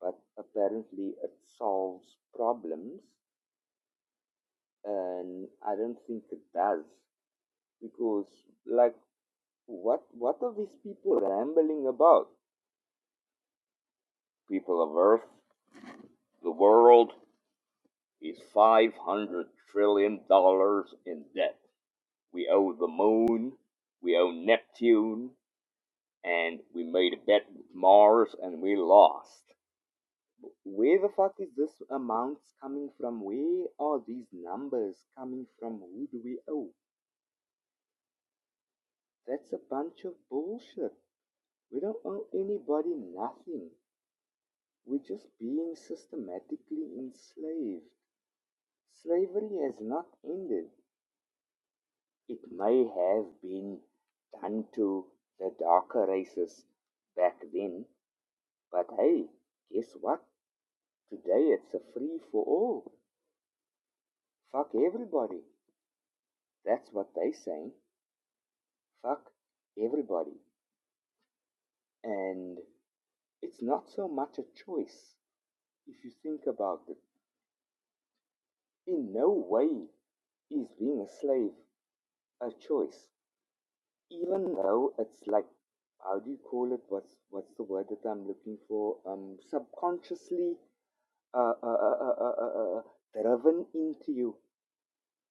[SPEAKER 8] but apparently it solves problems, and I don't think it does because like what what are these people rambling about? People of Earth, the world. is $500 trillion dollars in debt. We owe the moon, we owe Neptune, and we made a bet with Mars and we lost. Where the fuck is this amount coming from? Where are these numbers coming from? Who do we owe? That's a bunch of bullshit. We don't owe anybody nothing. We're just being systematically enslaved. Slavery has not ended. It may have been done to the darker races back then, but hey, guess what? Today it's a free for all. Fuck everybody. That's what they say. Fuck everybody. And it's not so much a choice if you think about it. In no way is being a slave a choice. Even though it's like how do you call it? What's what's the word that I'm looking for? Um, subconsciously uh, uh, uh, uh, uh, uh, driven into you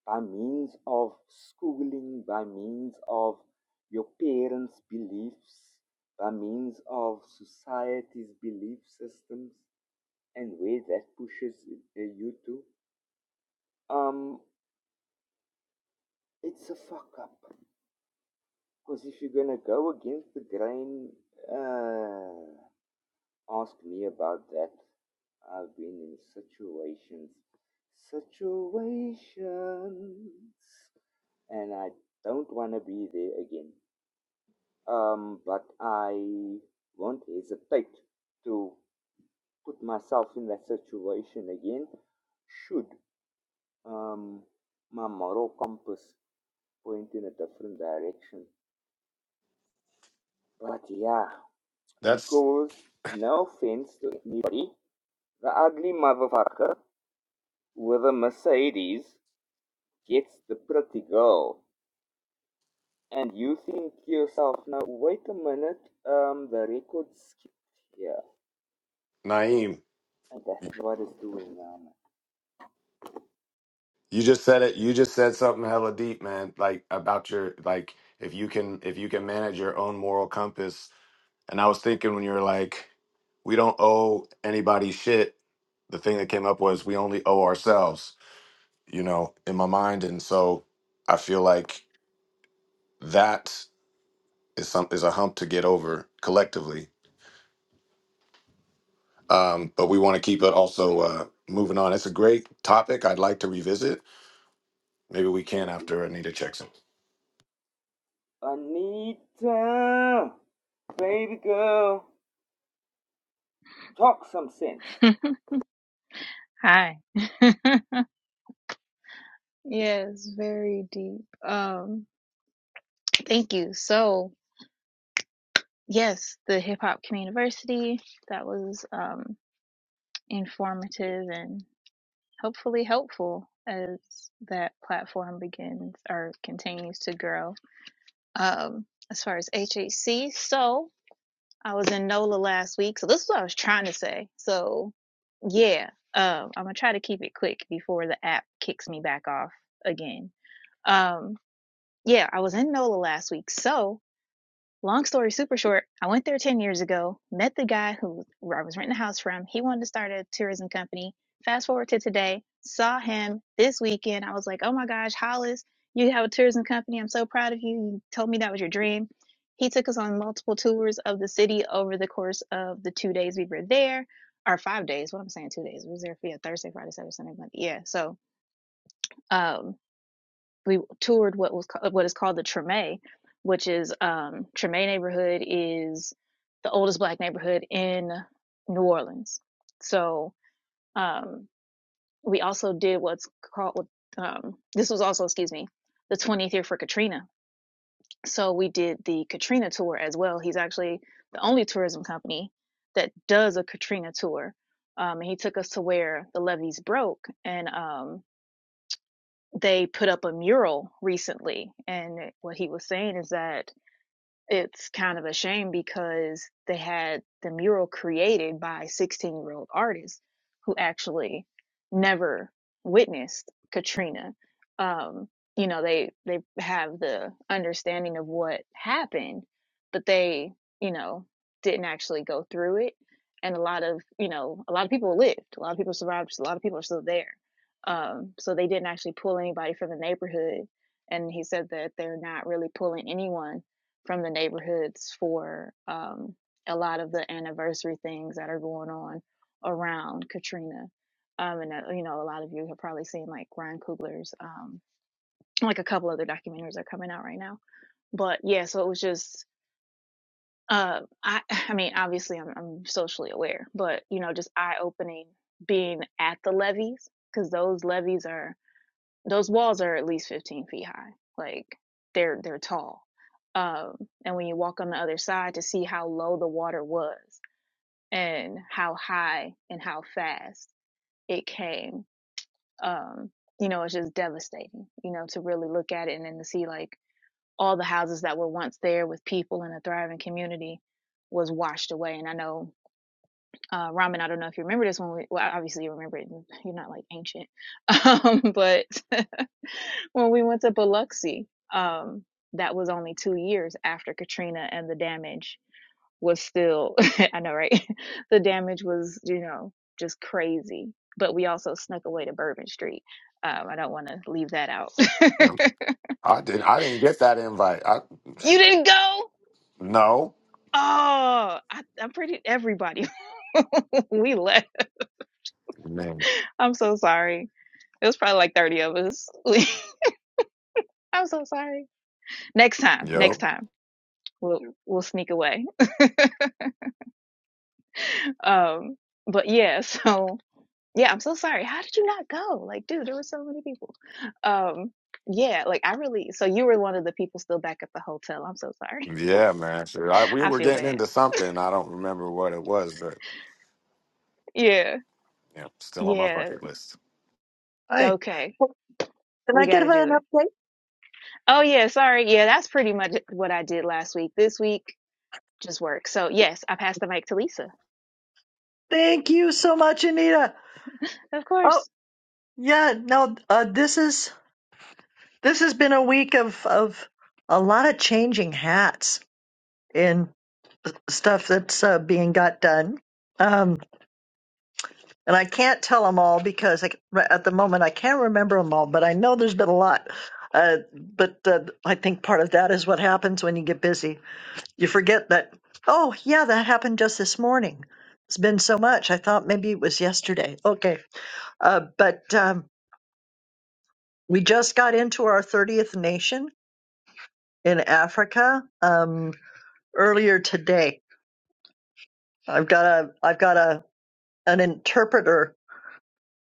[SPEAKER 8] by means of schooling, by means of your parents' beliefs, by means of society's belief systems, and where that pushes uh, you to. Um, it's a fuck up. Because if you're gonna go against the grain, uh, ask me about that. I've been in situations, situations and I don't want to be there again. Um, but I won't hesitate to put myself in that situation again should um, my moral compass point in a different direction. But yeah,
[SPEAKER 1] that's
[SPEAKER 8] because no offense to anybody, the ugly motherfucker with a Mercedes gets the pretty girl. And you think to yourself, now wait a minute, um, the record's skipped here.
[SPEAKER 1] Naeem.
[SPEAKER 8] And that's what it's doing now.
[SPEAKER 1] You just said it. You just said something hella deep, man. Like about your like if you can if you can manage your own moral compass. And I was thinking when you were like, we don't owe anybody shit. The thing that came up was we only owe ourselves. You know, in my mind, and so I feel like that is some is a hump to get over collectively um, but we want to keep it
[SPEAKER 8] Nah, don't
[SPEAKER 1] also
[SPEAKER 8] do
[SPEAKER 1] uh,
[SPEAKER 8] it.
[SPEAKER 1] moving on. It's a great topic. I'd like to revisit. Maybe we can
[SPEAKER 8] Thank you.
[SPEAKER 1] after Anita checks in.
[SPEAKER 8] Anita, baby girl, talk some sense.
[SPEAKER 10] my gosh. Hi. yes, very deep. Um, thank you. So, yes, the Hip Hop Community, that was um, informative and hopefully helpful as that platform begins or continues to grow um, as far as HHC. So, I was in NOLA last week, so this is what I was trying to say. So, yeah, um, I'm gonna try to keep it quick before the app kicks me back off again. Um, yeah, I was in NOLA last week, so Long story super short, I went there 10 years ago, met the guy who I was renting a house from. He wanted to start a tourism company. Fast forward to today, saw him this weekend. I was like, oh my gosh, Hollis, you have a tourism company. I'm so proud of you. You told me that was your dream. He took us on multiple tours of the city over the course of the two days we were there, or five days. What I'm saying, two days. We was there for yeah, Thursday, Friday, Saturday, Sunday, Monday. Yeah. So, um, we toured what was what is called the Treme, which is um, Treme neighborhood is the oldest black neighborhood in New Orleans. So um, we also did what's called um, this was also excuse me the 20th year for Katrina. So we did the Katrina tour as well. He's actually the only tourism company that does a Katrina tour. Um, and he took us to where the levees broke and um, they put up a mural recently and what he was saying is that it's kind of a shame because they had the mural created by 16 year old artists who actually never witnessed Katrina. Um, you know, they, they have the understanding of what happened, but they, you know, didn't actually go through it. And a lot of, you know, a lot of people lived, a lot of people survived, a lot of people are still there. Um, so they didn't actually pull anybody from the neighborhood. And he said that they're not really pulling anyone from the neighborhoods for um, a lot of the anniversary things that are going on around Katrina. Um, and uh, you know, a lot of you have probably seen like Ryan Coogler's, um, like a couple other documentaries are coming out right now. But yeah, so it was just, uh, I, I mean, obviously I'm, I'm socially aware, but you know, just eye opening being at the levees because those levees are those walls are at least 15 feet high like they're they're tall um and when you walk on the other side to see how low the water was and how high and how fast it came um you know it's just devastating you know to really look at it and then to see like all the houses that were once there with people in a thriving community was washed away and i know uh, ramen. I don't know if you remember this one. Well, obviously you remember it. You're not like ancient, um, but when we went to Biloxi, um, that was only two years after Katrina, and the damage was still. I know, right? the damage was, you know, just crazy. But we also snuck away to Bourbon Street. Um, I don't want to leave that out. you
[SPEAKER 1] Yeah, I didn't. I didn't get that invite. I
[SPEAKER 10] didn't go?
[SPEAKER 1] no
[SPEAKER 10] Oh, I, I'm pretty. Everybody, we left.
[SPEAKER 1] man.
[SPEAKER 10] I'm so sorry It was probably like 30 of us. I'm so sorry. Next time, next
[SPEAKER 1] Yo,
[SPEAKER 10] time we'll we'll sneak away. Um, but yeah, so yeah, I'm so sorry. How did you not go? Like, dude, there were so many people. Um, yeah, like I really. So you were one of the people still back at the hotel. I'm so sorry.
[SPEAKER 1] yeah, man. So I, we
[SPEAKER 10] I
[SPEAKER 1] were
[SPEAKER 10] feel
[SPEAKER 1] getting
[SPEAKER 10] bad.
[SPEAKER 1] into something. I don't remember what it was, but
[SPEAKER 10] Yeah,
[SPEAKER 1] yeah, still on my
[SPEAKER 10] yeah.
[SPEAKER 1] bucket list.
[SPEAKER 9] Hi.
[SPEAKER 10] Okay,
[SPEAKER 9] Can
[SPEAKER 10] we
[SPEAKER 9] I
[SPEAKER 10] got
[SPEAKER 9] get an
[SPEAKER 10] to do it.
[SPEAKER 9] update?
[SPEAKER 10] Oh yeah, sorry. Yeah, that's pretty much what I did last week. This week just work. So yes, I pass the mic to Lisa.
[SPEAKER 9] Thank you so much, Anita.
[SPEAKER 10] Of course.
[SPEAKER 9] Oh, yeah, no, uh, this is this has been a week of of a lot of changing hats in stuff that's uh, being got done. Um, and I can't tell them all because I, at the moment I can't remember them all, but I know there's been a lot. Uh, but uh, I think part of that is what happens when you get busy. You forget that, oh, yeah, that happened just this morning. It's been so much. I thought maybe it was yesterday. Okay. Uh, but um, we just got into our 30th nation in Africa um, earlier today. I've got a I've got a an interpreter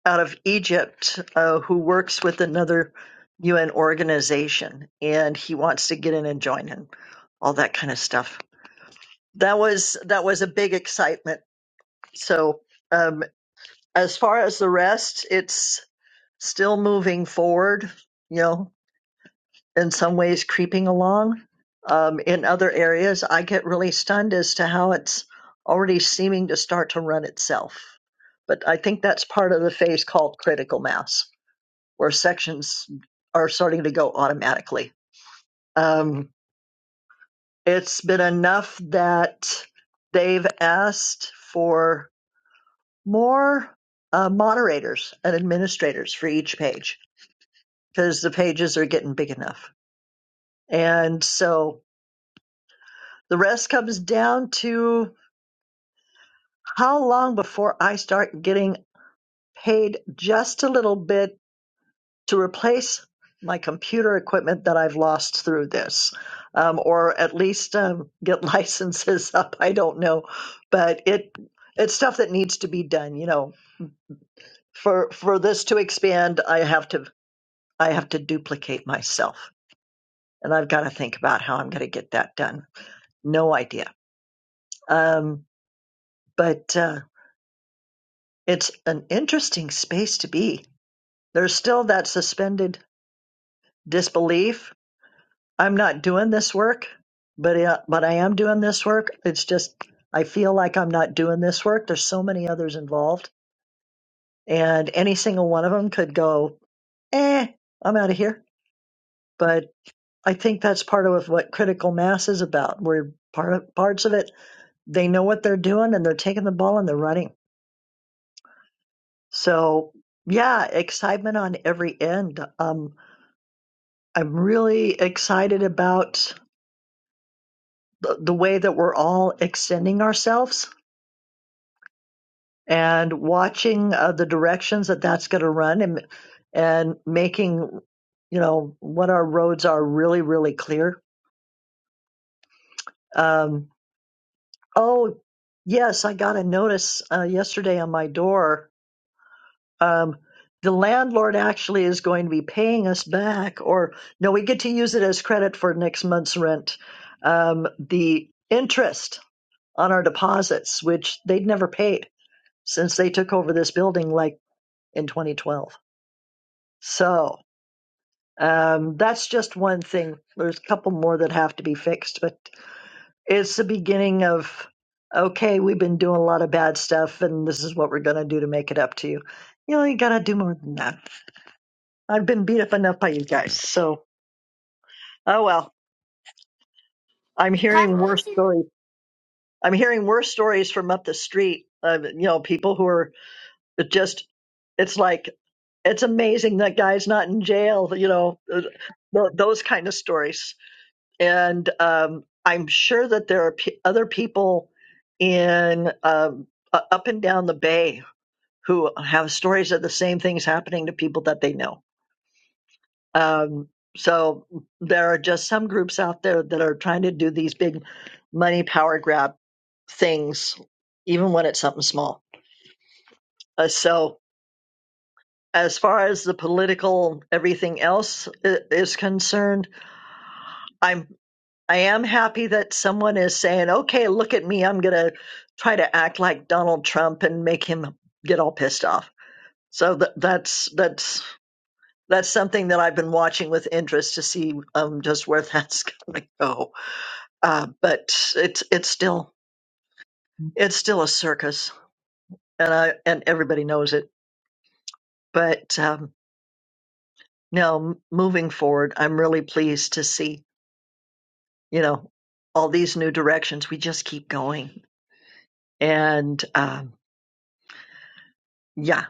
[SPEAKER 9] out of Egypt uh, who works with another UN organization, and he wants to get in and join and all that kind of stuff. That was that was a big excitement. So um, as far as the rest, it's still moving forward. You know, in some ways creeping along. Um, in other areas, I get really stunned as to how it's already seeming to start to run itself. But I think that's part of the phase called critical mass, where sections are starting to go automatically. Um, it's been enough that they've asked for more uh, moderators and administrators for each page because the pages are getting big enough. And so The rest comes down to how long before I start getting paid just a little bit to replace my computer equipment that I've lost through this, um, or at least um, get licenses up. I don't know, but it it's stuff that needs to be done. You know, for for this to expand, I have to I have to duplicate myself, and I've got to think about how I'm going to get that done. No idea. Um, but uh, It's an interesting space to be. There's still that suspended disbelief. I'm not doing this work, but uh, but I am doing this work. It's just I feel like I'm not doing this work. There's so many others involved, and any single one of them could go, "Eh, I'm out of here." But I think that's part of what critical mass is about. We're part of, parts of it. They know what they're doing, and they're taking the ball and they're running. So yeah, excitement on every end. Um, I'm really excited about the, the way that we're all extending ourselves and watching uh, the directions that that's going to run and and making you know what our roads are really really clear. Um, oh yes, I got a notice uh, yesterday on my door. Um, the landlord actually is going to be paying us back, or no, we get to use it as credit for next month's rent. Um, the interest on our deposits, which they'd never paid since they took over this building like in 2012. So um, that's just one thing. There's a couple more that have to be fixed, but it's the beginning of okay, we've been doing a lot of bad stuff, and this is what we're going to do to make it up to you. You know, you got to do more than that. I've been beat up enough by you guys. So, oh well, I'm hearing worse stories. I'm hearing worse stories from up the street. Uh, you know, people who are It just, it's like, it's amazing that guy's not in jail, you know, th- th- those kind of stories. And um, I'm sure that there are p- other people in um, u- up and down the bay who have stories of the same things happening to people that they know. Um, so there are just some groups out there that are trying to do these big money power grab things, even when it's something small. Uh, so as far as the political everything else i- is concerned i'm i am happy that someone is saying okay look at me i'm going to try to act like donald trump and make him get all pissed off so th- that's that's that's something that I've been watching with interest to see um, just where that's going to go. Uh, but it's it's still it's still a circus, and I and everybody knows it. But um, no, m- moving forward, I'm really pleased to see you know, all these new directions. We just keep going. And um, yeah,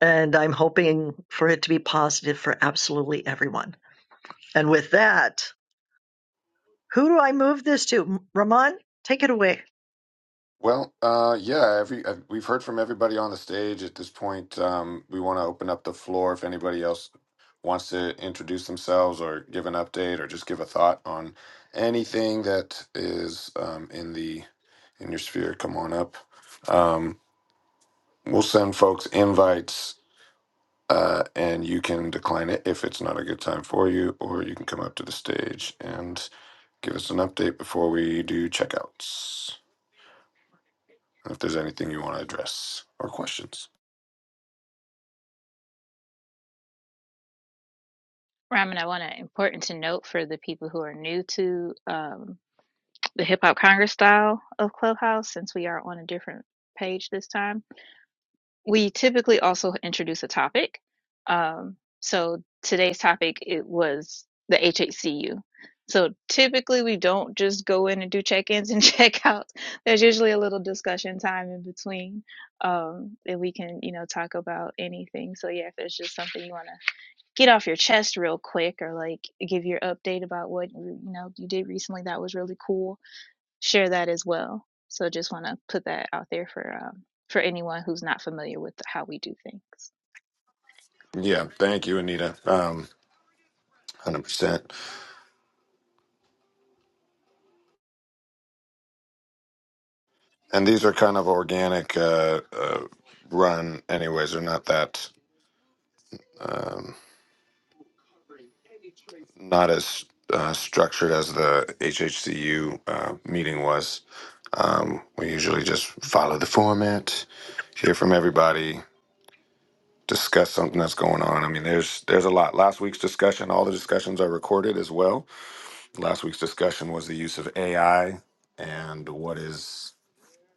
[SPEAKER 9] and I'm hoping for it to be positive for absolutely everyone. And with that, who do I move this to? Ramon, take it away.
[SPEAKER 1] Well, uh, yeah, every uh, we've heard from everybody on the stage at this point. Um, we want to open up the floor if anybody else wants to introduce themselves or give an update or just give a thought on anything that is um, in the in your sphere. Come on up. Um, we'll send folks invites, uh, and you can decline it if it's not a good time for you, or you can come up to the stage and give us an update before we do checkouts. if there's anything you want to address or questions.
[SPEAKER 10] Ramen, I want to important to note for the people who are new to um, the Hip Hop Congress style of Clubhouse, since we are on a different page this time. We typically also introduce a topic. Um, so today's topic it was the HHCU. So typically we don't just go in and do check-ins and check-outs. There's usually a little discussion time in between um, that we can, you know, talk about anything. So yeah, if there's just something you want to get off your chest real quick or like give your update about what you you know you did recently that was really cool share that as well so just want to put that out there for um, for anyone who's not familiar with how we do things
[SPEAKER 1] Yeah, thank you, Anita. Um, 100%. And these are kind of organic uh, uh, run, anyways. They're not that, um, not as uh, structured as the HHCU uh, meeting was. Um, we usually just follow the format, hear from everybody, discuss something that's going on. I mean, there's there's a lot. Last week's discussion, all the discussions are recorded as well last week's discussion was the use of AI and what is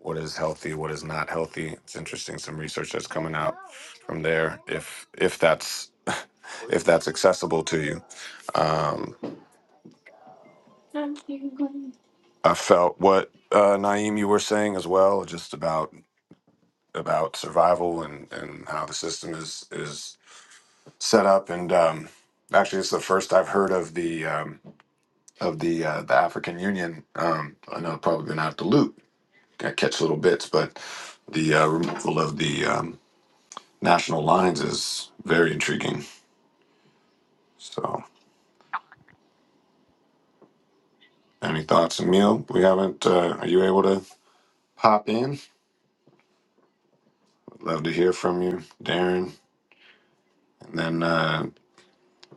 [SPEAKER 1] what is healthy, what is not healthy. It's interesting some research that's coming out from there if if that's if that's accessible to you. Um, I felt what uh, Naeem you were saying as well, just about about survival and and how the system is is set up and. Um, Actually, it's the first I've heard of the um, of the uh, the African Union. Um, I know I've probably been out have to loop I catch little bits, but the uh, removal of the um, national lines is very intriguing. So, any thoughts, Emil? We haven't. Uh, are you able to pop in? Would love to hear from you, Darren, and then uh,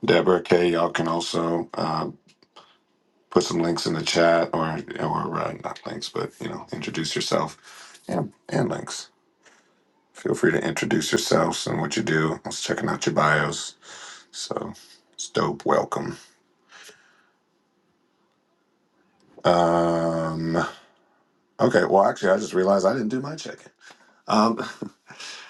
[SPEAKER 1] Deborah Kay. Y'all can also uh, put some links in the chat, or or uh, not links, but you know, introduce yourself and and links. Feel free to introduce yourselves and what you do. I was checking out your bios, so it's dope. Welcome. Um, Okay. Well, actually, I just realized I didn't do my check-in. Um,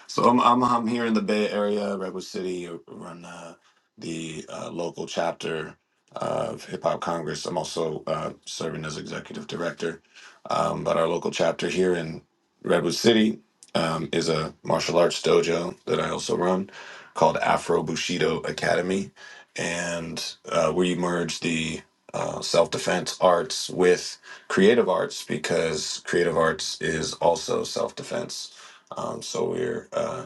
[SPEAKER 1] So I'm, I'm I'm here in the Bay Area, Redwood City, run uh, the uh, local chapter of Hip Hop Congress. I'm also uh, serving as executive director, um, but our local chapter here in Redwood City um, is a martial arts dojo that I also run called Afro Bushido Academy, and uh, we merge the uh, self defense arts with creative arts because creative arts is also self defense. Um, so we're uh,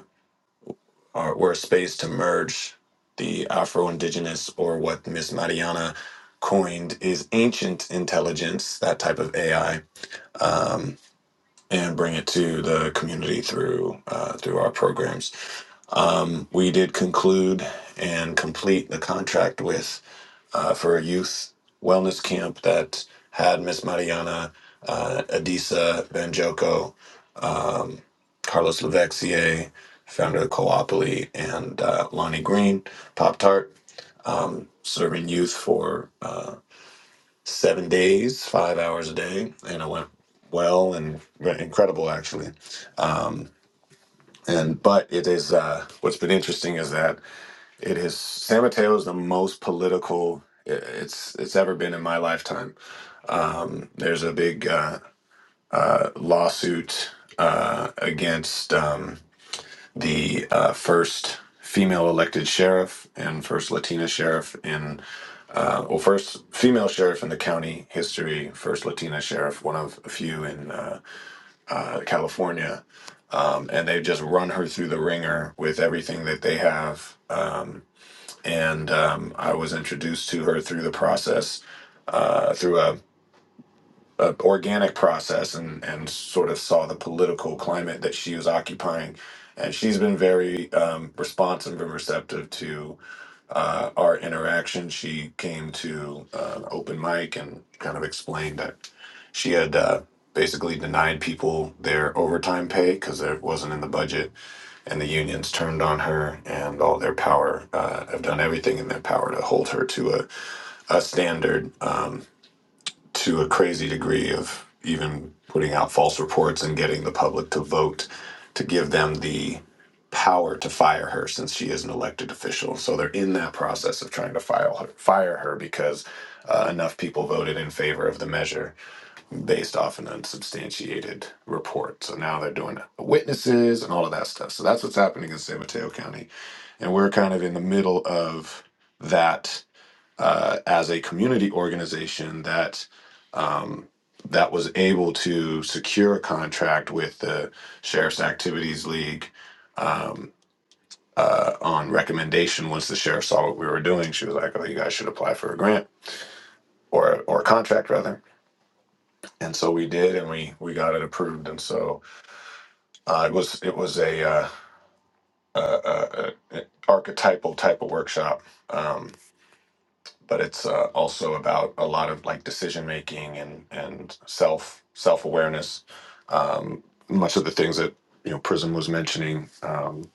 [SPEAKER 1] are, we're a space to merge the Afro Indigenous, or what Miss Mariana coined is ancient intelligence, that type of AI, um, and bring it to the community through uh, through our programs. Um, we did conclude and complete the contract with uh, for a youth wellness camp that had Miss Mariana, uh, Adisa Banjoko, um, Carlos Levexier, founder of Coopoli, and uh, Lonnie Green, Pop Tart, um, serving youth for uh, seven days, five hours a day, and it went well and re- incredible actually. Um, and but it is uh, what's been interesting is that it is San Mateo is the most political i- it's it's ever been in my lifetime. Um, there's a big uh, uh, lawsuit uh, against. Um, the uh, first female elected sheriff and first Latina sheriff in, uh, well, first female sheriff in the county history, first Latina sheriff, one of a few in uh, uh, California. Um, and they've just run her through the ringer with everything that they have. Um, and um, I was introduced to her through the process. Uh, through a uh, organic process and and sort of saw the political climate that she was occupying. And she's been very um, responsive and receptive to uh, our interaction. She came to uh, an open mic and kind of explained that she had uh, basically denied people their overtime pay because it wasn't in the budget, and the unions turned on her and all their power uh, have done everything in their power to hold her to a, a standard. Um, to a crazy degree of even putting out false reports and getting the public to vote to give them the power to fire her since she is an elected official. So they're in that process of trying to file her, fire her because uh, enough people voted in favor of the measure based off an unsubstantiated report. So now they're doing witnesses and all of that stuff. So that's what's happening in San Mateo County. And we're kind of in the middle of that uh, as a community organization that um, that was able to secure a contract with the Sheriff's Activities League um, uh, on recommendation. Once the sheriff saw what we were doing, she was like, "Oh, you guys should apply for a grant." Or, or a contract rather, and so we did, and we we got it approved, and so uh, it was it was a, uh, a, a, a a archetypal type of workshop, Um, but it's uh, also about a lot of like decision making and and self self awareness. Um, much of the things that you know Prism was mentioning, um,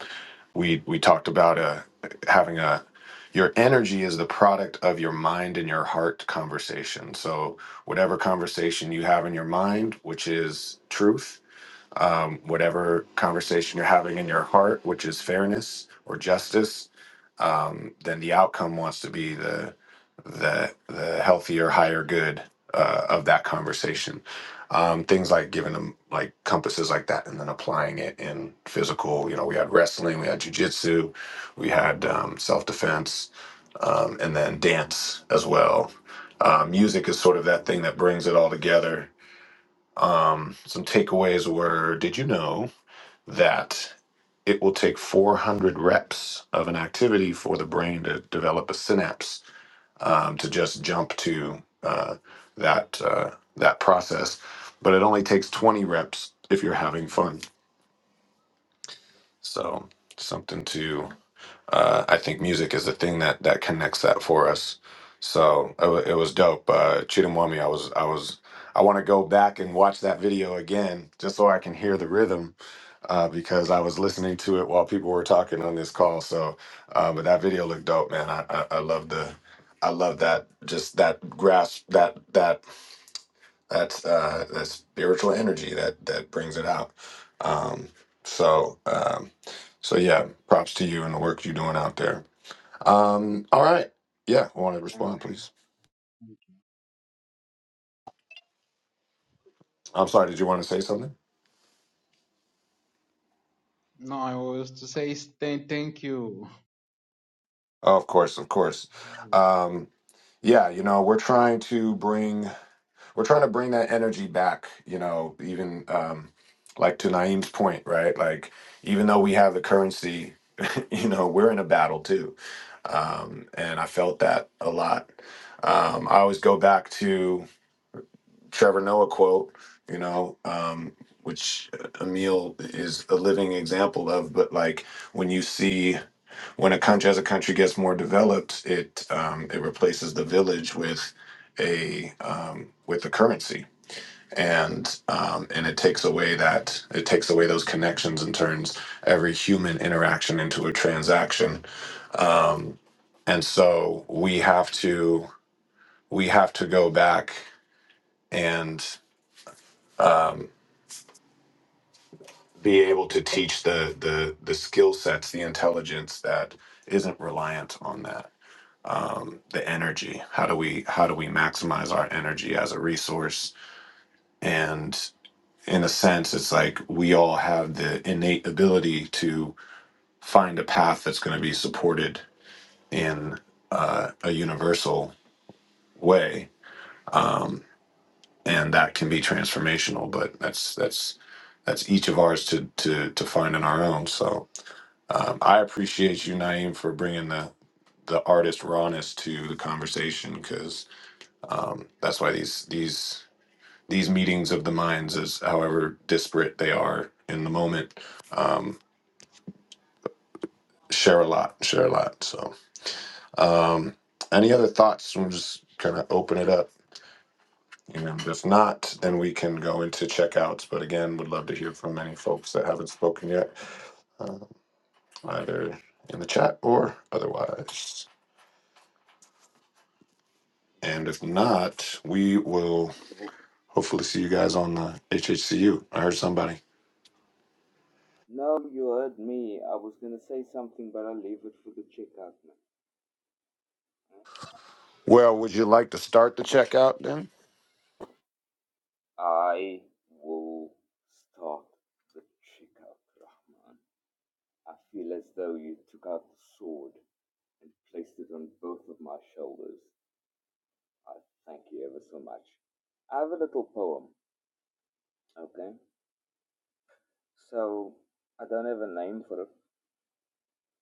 [SPEAKER 1] we we talked about uh, having a your energy is the product of your mind and your heart conversation. So whatever conversation you have in your mind, which is truth, um, whatever conversation you're having in your heart, which is fairness or justice, um, then the outcome wants to be the the the healthier, higher good uh, of that conversation. Um, things like giving them like compasses like that, and then applying it in physical. You know, we had wrestling, we had jujitsu, we had um, self defense, um, and then dance as well. Uh, music is sort of that thing that brings it all together um, some takeaways were did you know that it will take 400 reps of an activity for the brain to develop a synapse um, to just jump to uh, that, uh, that process? But it only takes 20 reps if you're having fun. So, something to uh, I think music is the thing that that connects that for us. So it, wa- it was dope. Uh, Chidamwami, I was I was I want to go back and watch that video again just so I can hear the rhythm uh, because I was listening to it while people were talking on this call. So, uh, but that video looked dope, man. I I, I love the. I love that, just that grasp, that that that uh, that spiritual energy that that brings it out. Um, so um, so yeah, props to you and the work you're doing out there. Um, all right. Yeah, want to
[SPEAKER 7] Thank.
[SPEAKER 1] respond, please. I'm sorry, did you want to say something?
[SPEAKER 7] No, I was to say thank. Thank you.
[SPEAKER 1] Oh, of course, of course. Um, yeah, you know, we're trying to bring we're trying to bring that energy back, you know, even um like to Naeem's point, right? Like even though we have the currency, you know, we're in a battle too. Um, and I felt that a lot. Um, I always go back to Trevor Noah quote, you know, um, which Emil is a living example of. But like when you see when a country as a country gets more developed, it um, it replaces the village with a um, with a currency. And um, and it takes away that it takes away those connections and turns every human interaction into a transaction. Um, and so we have to we have to go back and um, be able to teach the the the skill sets, the intelligence that isn't reliant on that. Um, the energy. How do we how do we maximize our energy as a resource? And in a sense, it's like we all have the innate ability to find a path that's going to be supported in uh, a universal way, um, and that can be transformational. But that's that's that's each of ours to to to find on our own. So Um, I appreciate you, Naeem, for bringing the the artist rawness to the conversation because um, that's why these these these meetings of the minds, as however disparate they are in the moment, um, share a lot, share a lot. So, um, any other thoughts? We'll just kind of open it up. You know, if not, then we can go into checkouts. But again, would love to hear from any folks that haven't spoken yet, uh, either in the chat or otherwise. And if not, we will hopefully see you guys on the HHCU. I heard somebody.
[SPEAKER 8] No, you heard me. I was gonna say something, but I'll leave it for the checkout. man.
[SPEAKER 1] Well, would you like to start the checkout then?
[SPEAKER 8] I will start the checkout, Rahman. I feel as though you took out the sword and placed it on both of my shoulders. I thank you ever so much. I have a little poem, okay? So I don't have a name for it,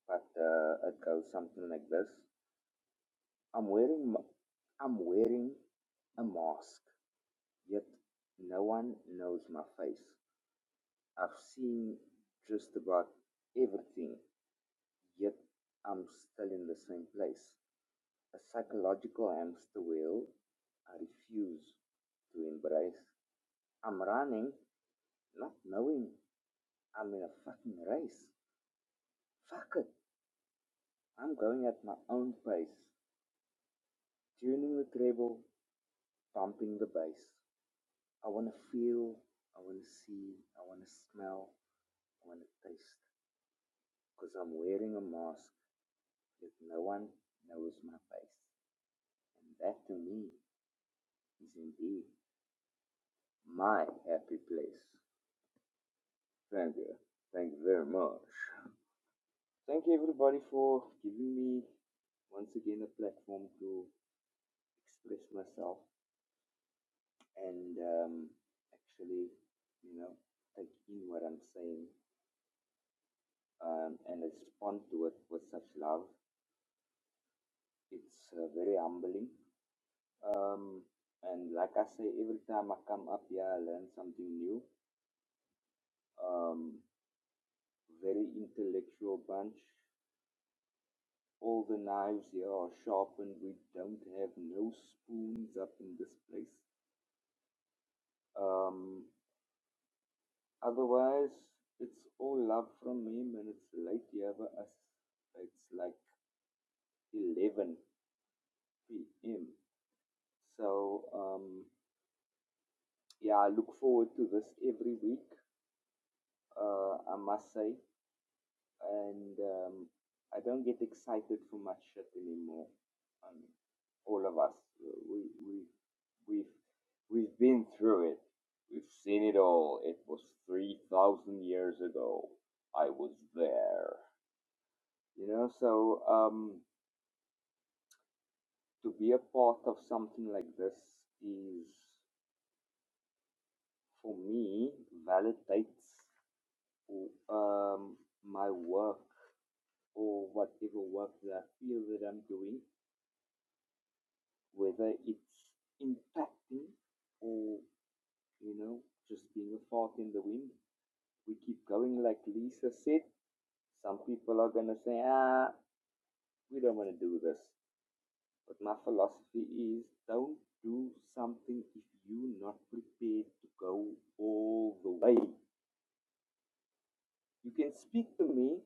[SPEAKER 8] but uh, it goes something like this: I'm wearing, ma- I'm wearing a mask, yet no one knows my face. I've seen just about everything, yet I'm still in the same place. A psychological hamster wheel. I refuse to embrace. I'm running, not knowing I'm in a fucking race. Fuck it. I'm going at my own pace. Tuning the treble, pumping the bass. I wanna feel, I wanna see, I wanna smell, I wanna taste. Cause I'm wearing a mask that no one knows my face. And that to me is indeed my happy place. Thank you. Thank you very much. Thank you everybody for giving me once again a platform to express myself and um, actually, you know, take in what I'm saying um, and respond to it with such love. It's uh, very humbling. Um, and like I say, every time I come up here, I learn something new. Um, very intellectual bunch. All the knives here are sharpened. We don't have no spoons up in this place. Um, otherwise, it's all love from him, and it's late here for us. It's like 11 p.m. So, um, yeah, I look forward to this every week, uh, I must say. And um, I don't get excited for much shit anymore. Um, all of us, uh, we, we, we've, we've been through it. We've seen it all. It was 3,000 years ago. I was there. You know, so um, to be a part of something like this is, for me, validates um, my work or whatever work that I feel that I'm doing, whether it's impacting or, you know, just being a fart in the wind. We keep going, like Lisa said. Some people are going to say, ah, we don't want to do this. But my philosophy is don't do something if you're not prepared to go all the way. You can speak to me,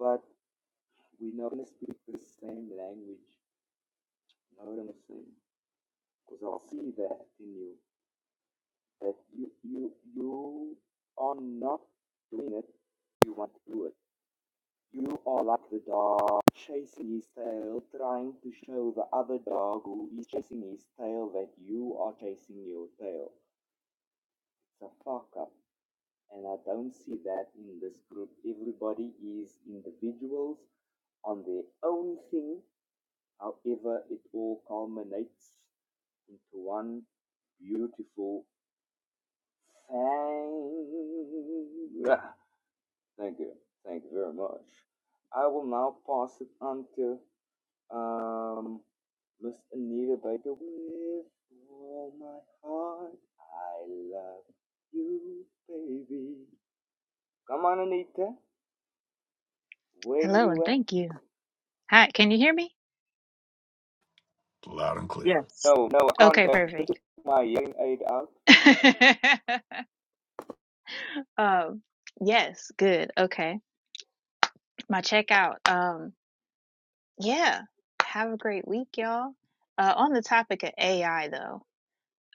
[SPEAKER 8] but we're not going to speak the same language. You know what I'm saying? Because I'll see that in you. Yes, you you you are not doing it. You want to do it. You are like the dog chasing his tail, trying to show the other dog who is chasing his tail that you are chasing your tail. It's a fuck up, and I don't see that in this group. Everybody is individuals on their own thing. However, it all culminates into one beautiful thing. Thank you. Thank you very much. I will now pass it on to um, Miss Anita Baker with all my heart. I love you, baby. Come on, Anita. Where
[SPEAKER 10] hello and
[SPEAKER 8] you at?
[SPEAKER 10] thank you hi can you hear me
[SPEAKER 1] Loud and clear.
[SPEAKER 9] Yes.
[SPEAKER 8] No, no, I can't
[SPEAKER 10] okay
[SPEAKER 8] get
[SPEAKER 10] perfect
[SPEAKER 8] my hearing aid out. Uh,
[SPEAKER 10] um yes good okay my checkout um yeah have a great week y'all uh on the topic of ai though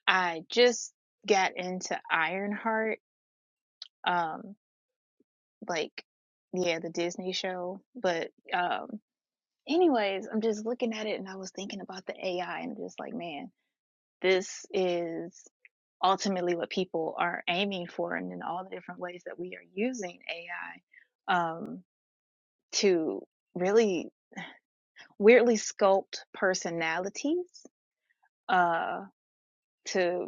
[SPEAKER 10] i just got into ironheart um like yeah the disney show but um anyways i'm just looking at it and i was thinking about the ai and just like man this is ultimately what people are aiming for and in all the different ways that we are using ai um to really weirdly sculpt personalities uh to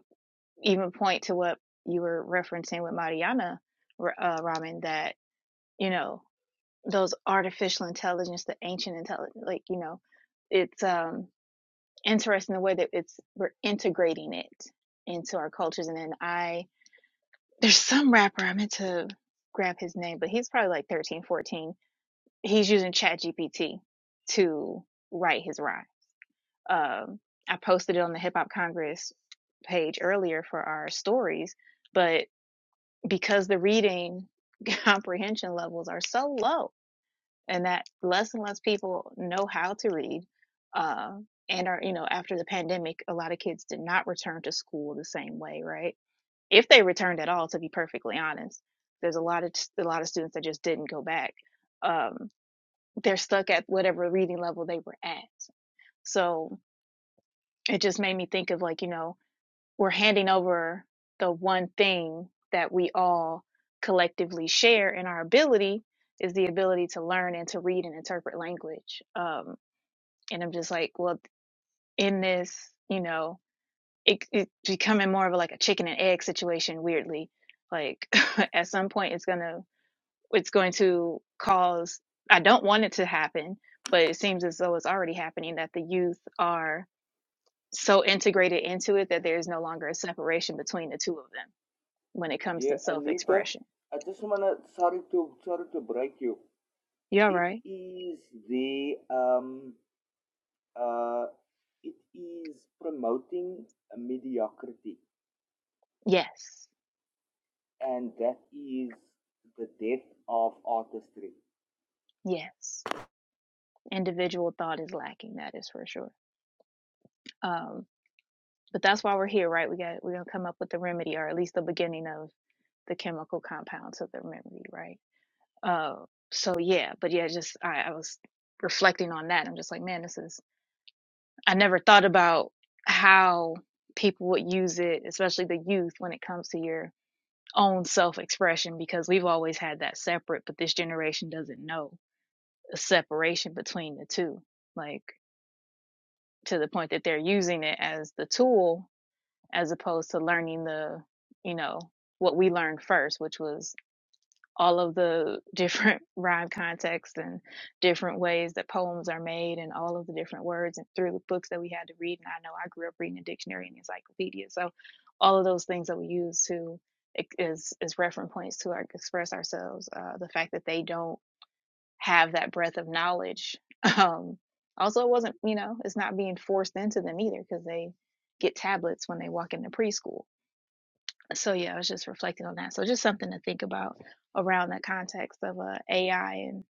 [SPEAKER 10] even point to what you were referencing with mariana uh, ramen that you know those artificial intelligence, the ancient intelligence, like you know, it's um interesting the way that it's we're integrating it into our cultures. And then I there's some rapper I meant to grab his name, but he's probably like 13, 14. He's using ChatGPT to write his rhyme. Um, I posted it on the Hip Hop Congress page earlier for our stories, but because the reading comprehension levels are so low and that less and less people know how to read. Uh, and are, you know, after the pandemic, a lot of kids did not return to school the same way, right? If they returned at all, to be perfectly honest, there's a lot of a lot of students that just didn't go back. Um, they're stuck at whatever reading level they were at. So it just made me think of like, you know, we're handing over the one thing that we all collectively share in our ability is the ability to learn and to read and interpret language. Um, and I'm just like, well, in this, you know, it, it's becoming more of a, like a chicken and egg situation. Weirdly, like at some point, it's gonna it's going to cause. I don't want it to happen, but it seems as though it's already happening that the youth are so integrated into it that there is no longer a separation between the two of them when it comes
[SPEAKER 8] yeah,
[SPEAKER 10] to self
[SPEAKER 8] Anita,
[SPEAKER 10] expression.
[SPEAKER 8] I just wanna sorry to sorry to break you.
[SPEAKER 10] You all
[SPEAKER 8] It
[SPEAKER 10] right?
[SPEAKER 8] is the um uh, it is promoting a mediocrity,
[SPEAKER 10] Yes.
[SPEAKER 8] and that is the death of artistry.
[SPEAKER 10] Yes. Individual thought is lacking, that is for sure. Um, but that's why we're here, right? We got we're gonna come up with the remedy or at least the beginning of the chemical compounds of the remedy, right? Uh so yeah, but yeah, just I, I was reflecting on that. I'm just like, man, this is I never thought about how people would use it, especially the youth, when it comes to your own self expression, because we've always had that separate, but this generation doesn't know. a separation between the two, like to the point that they're using it as the tool as opposed to learning the, you know, what we learned first, which was all of the different rhyme contexts and different ways that poems are made and all of the different words and through the books that we had to read. And I know I grew up reading a dictionary and encyclopedia. So all of those things that we use to ex- as as reference points to our, express ourselves, uh, the fact that they don't have that breadth of knowledge. Um, also, it wasn't, you know, it's not being forced into them either because they get tablets when they walk into preschool. So, yeah, I was just reflecting on that. So, just something to think about around the context of uh, AI and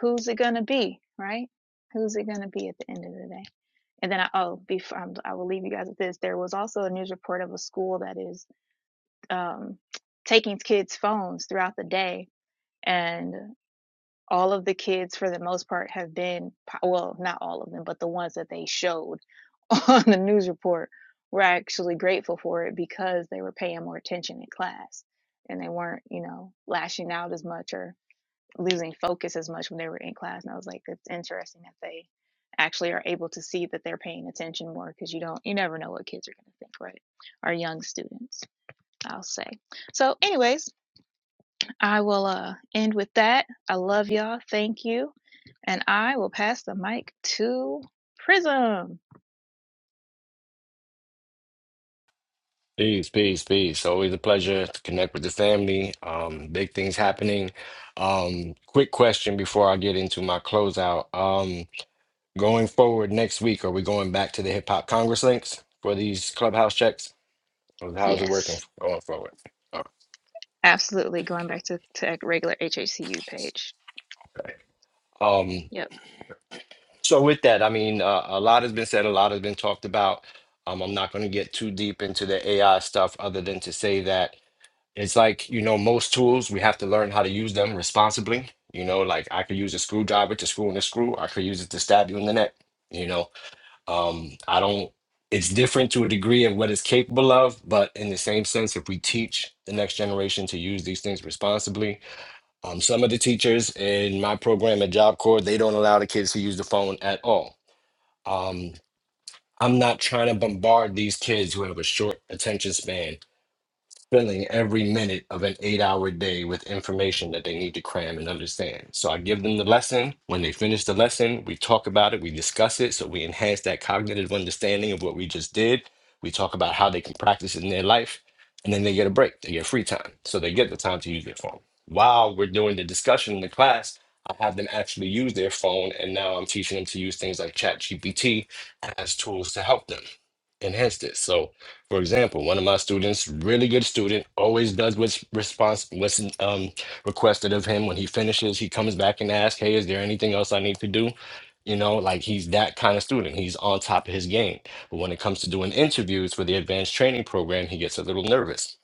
[SPEAKER 10] who's it going to be, right? Who's it going to be at the end of the day? And then, I, oh, before, um, I will leave you guys with this. There was also a news report of a school that is um, taking kids' phones throughout the day. And all of the kids for the most part have been well not all of them but the ones that they showed on the news report were actually grateful for it because they were paying more attention in class and they weren't you know lashing out as much or losing focus as much when they were in class and i was like it's interesting that they actually are able to see that they're paying attention more because you don't you never know what kids are going to think right Our young students i'll say so anyways i will uh end with that i love y'all thank you and I will pass the mic to Prism.
[SPEAKER 5] Peace, peace, peace. Always a pleasure to connect with the family. Um, big things happening. Um, quick question before I get into my closeout. Um, going forward next week, are we going back to the Hip Hop Congress links for these clubhouse checks? Or How's it working
[SPEAKER 10] Yes,
[SPEAKER 5] going forward?
[SPEAKER 10] absolutely. Going back to, to regular HHCU page.
[SPEAKER 5] All right.
[SPEAKER 10] Yep.
[SPEAKER 5] So with that, I mean, uh, a lot has been said, a lot has been talked about. Um, I'm not going to get too deep into the AI stuff, other than to say that it's like you know most tools we have to learn how to use them responsibly. You know, like I could use a screwdriver to screw in a screw. I could use it to stab you in the neck. You know, um, I don't. It's different to a degree of what it's capable of, but in the same sense, if we teach the next generation to use these things responsibly, um, some of the teachers in my program at Job Corps, they don't allow the kids to use the phone at all um, I'm not trying to bombard these kids who have a short attention span filling every minute of an eight hour day with information that they need to cram and understand. So I give them the lesson. When they finish the lesson, we talk about it, we discuss it. So we enhance that cognitive understanding of what we just did. We talk about how they can practice it in their life. And then they get a break, they get free time. So they get the time to use their phone. While we're doing the discussion in the class, I have them actually use their phone. And now I'm teaching them to use things like ChatGPT as tools to help them enhance this. So for example, one of my students, really good student, always does what's response what's um, requested of him. When he finishes, he comes back and asks, "Hey, is there anything else I need to do?" You know, like he's that kind of student. He's on top of his game. But when it comes to doing interviews for the advanced training program, he gets a little nervous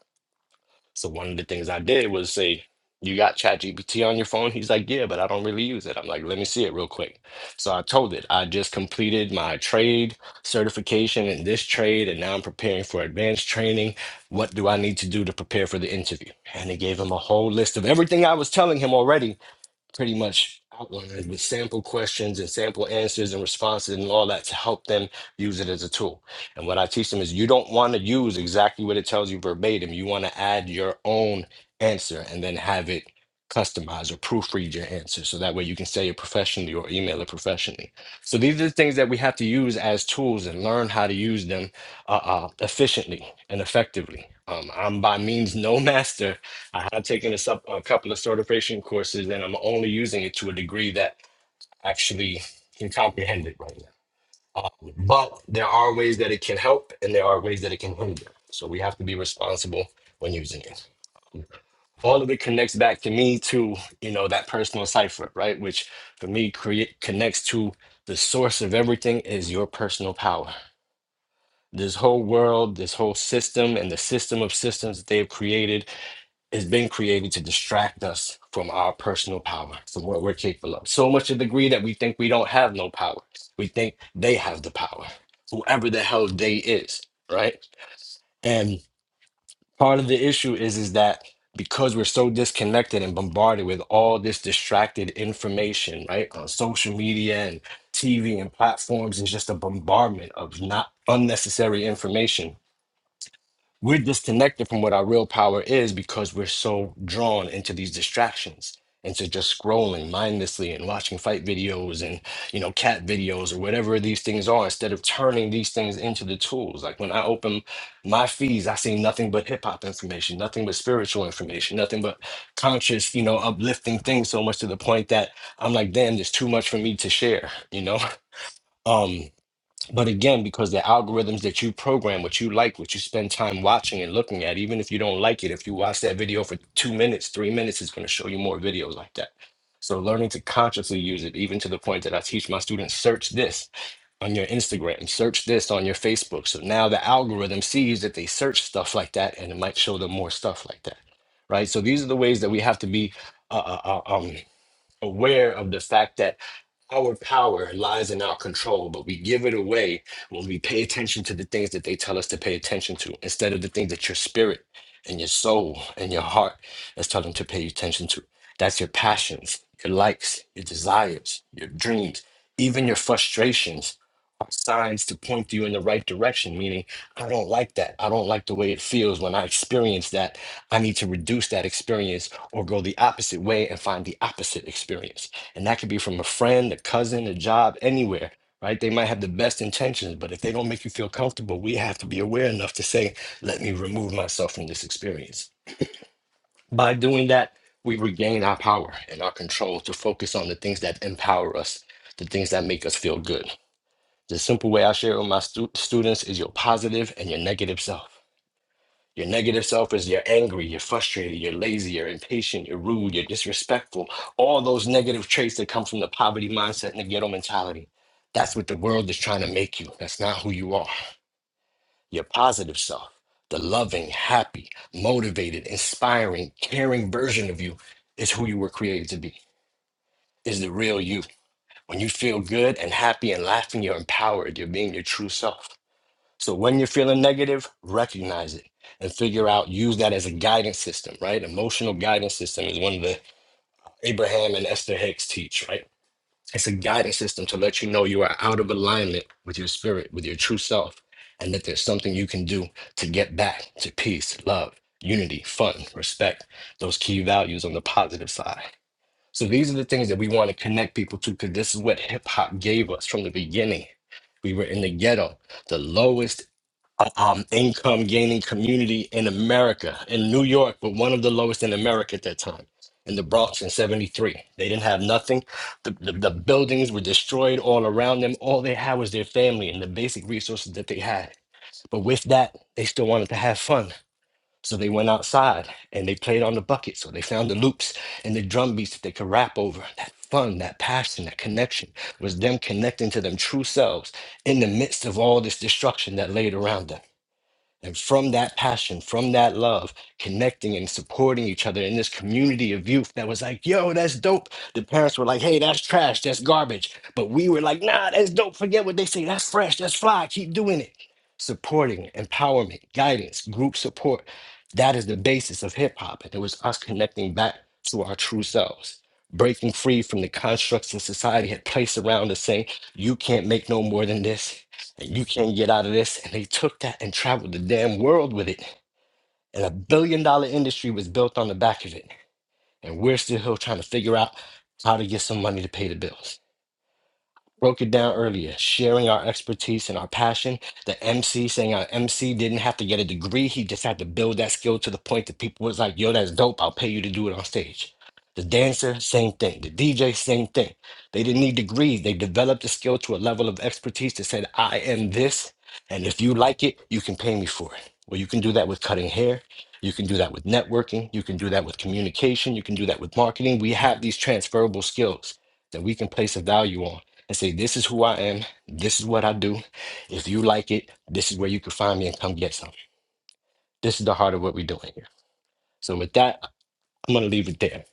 [SPEAKER 5] so one of the things I did was say, "You got ChatGPT on your phone?" He's like, "Yeah, but I don't really use it." I'm like, "Let me see it real quick." So I told it I just completed my trade certification in this trade, and now I'm preparing for advanced training. What do I need to do to prepare for the interview? And it gave him a whole list of everything I was telling him already pretty much outlined with sample questions and sample answers and responses and all that to help them use it as a tool. And what I teach them is you don't want to use exactly what it tells you verbatim. You want to add your own answer and then have it customize or proofread your answer so that way you can say it professionally or email it professionally. So these are the things that we have to use as tools and learn how to use them uh, uh, efficiently and effectively. Um, I'm by means no master I have taken this up a couple of certification courses, and I'm only using it to a degree that actually can comprehend it right now. Um, but there are ways that it can help, and there are ways that it can hinder. So we have to be responsible when using it. All of it connects back to me to you know that personal cipher, right? Which for me create connects to the source of everything is your personal power. This whole world, this whole system, and the system of systems that they have created has been created to distract us from our personal power, from what we're capable of. So much to the degree that we think we don't have no power. We think they have the power, whoever the hell they is, right? And part of the issue is is that because we're so disconnected and bombarded with all this distracted information, right? On social media and TV and platforms is just a bombardment of not unnecessary information we're disconnected from what our real power is because we're so drawn into these distractions, into just scrolling mindlessly and watching fight videos and, you know, cat videos or whatever these things are, instead of turning these things into the tools. Like when I open my feeds, I see nothing but hip hop information, nothing but spiritual information, nothing but conscious, you know, uplifting things so much to the point that I'm like, damn, there's too much for me to share, you know? Um, but again, because the algorithms that you program, what you like, what you spend time watching and looking at, even if you don't like it, if you watch that video for two minutes, three minutes, it's going to show you more videos like that. So learning to consciously use it, even to the point that I teach my students, search this on your Instagram, search this on your Facebook. So now the algorithm sees that they search stuff like that and it might show them more stuff like that. Right. So these are the ways that we have to be uh, uh, uh, um, aware of the fact that our power lies in our control, but we give it away when we pay attention to the things that they tell us to pay attention to instead of the things that your spirit and your soul and your heart is telling to pay attention to. That's your passions, your likes, your desires, your dreams, even your frustrations are signs to point you in the right direction, meaning, I don't like that. I don't like the way it feels when I experience that. I need to reduce that experience or go the opposite way and find the opposite experience and that could be from a friend, a cousin, a job, anywhere, right? They might have the best intentions, but if they don't make you feel comfortable, we have to be aware enough to say, let me remove myself from this experience. By doing that, we regain our power and our control to focus on the things that empower us, the things that make us feel good. The simple way I share with my stu- students is your positive and your negative self. Your negative self is you're angry, you're frustrated, you're lazy, you're impatient, you're rude, you're disrespectful. All those negative traits that come from the poverty mindset and the ghetto mentality. That's what the world is trying to make you. That's not who you are. Your positive self, the loving, happy, motivated, inspiring, caring version of you is who you were created to be, is the real you. When you feel good and happy and laughing, you're empowered. You're being your true self. So when you're feeling negative, recognize it and figure out, use that as a guidance system, right? Emotional guidance system is one of the Abraham and Esther Hicks teach, right? It's a guidance system to let you know you are out of alignment with your spirit, with your true self, and that there's something you can do to get back to peace, love, unity, fun, respect, those key values on the positive side. So these are the things that we want to connect people to because this is what hip hop gave us from the beginning. We were in the ghetto, the lowest uh, um, income gaining community in America. In New York, but one of the lowest in America at that time. In the Bronx in 73. They didn't have nothing. The, the, the buildings were destroyed all around them. All they had was their family and the basic resources that they had. But with that, they still wanted to have fun. So they went outside and they played on the bucket. So they found the loops and the drum beats that they could rap over. That fun, that passion, that connection was them connecting to them true selves in the midst of all this destruction that laid around them. And from that passion, from that love, connecting and supporting each other in this community of youth that was like, yo, that's dope. The parents were like, hey, that's trash, that's garbage. But we were like, nah, that's dope. Forget what they say. That's fresh, that's fly. Keep doing it. Supporting, empowerment, guidance, group support. That is the basis of hip hop. And it was us connecting back to our true selves, breaking free from the constructs in society had placed around us saying, you can't make no more than this and you can't get out of this. And they took that and traveled the damn world with it. And a billion dollar industry was built on the back of it. And we're still here trying to figure out how to get some money to pay the bills broke it down earlier, sharing our expertise and our passion. The MC saying our MC didn't have to get a degree. He just had to build that skill to the point that people was like, yo, that's dope. I'll pay you to do it on stage. The dancer, same thing. The DJ, same thing. They didn't need degrees. They developed the skill to a level of expertise that said, I am this. And if you like it, you can pay me for it. Well, you can do that with cutting hair. You can do that with networking. You can do that with communication. You can do that with marketing. We have these transferable skills that we can place a value on and say, This is who I am. This is what I do. If you like it, this is where you can find me and come get some. This is the heart of what we're doing here. So, with that, I'm going to leave it there.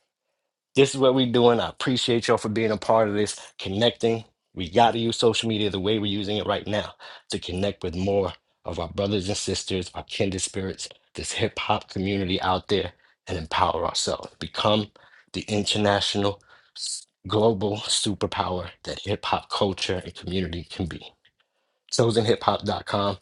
[SPEAKER 5] This is what we're doing. I appreciate y'all for being a part of this, connecting. We got to use social media the way we're using it right now to connect with more of our brothers and sisters, our kindred spirits, this hip hop community out there, and empower ourselves. Become the international, s- global superpower that hip hop culture and community can be chosenhiphop.com.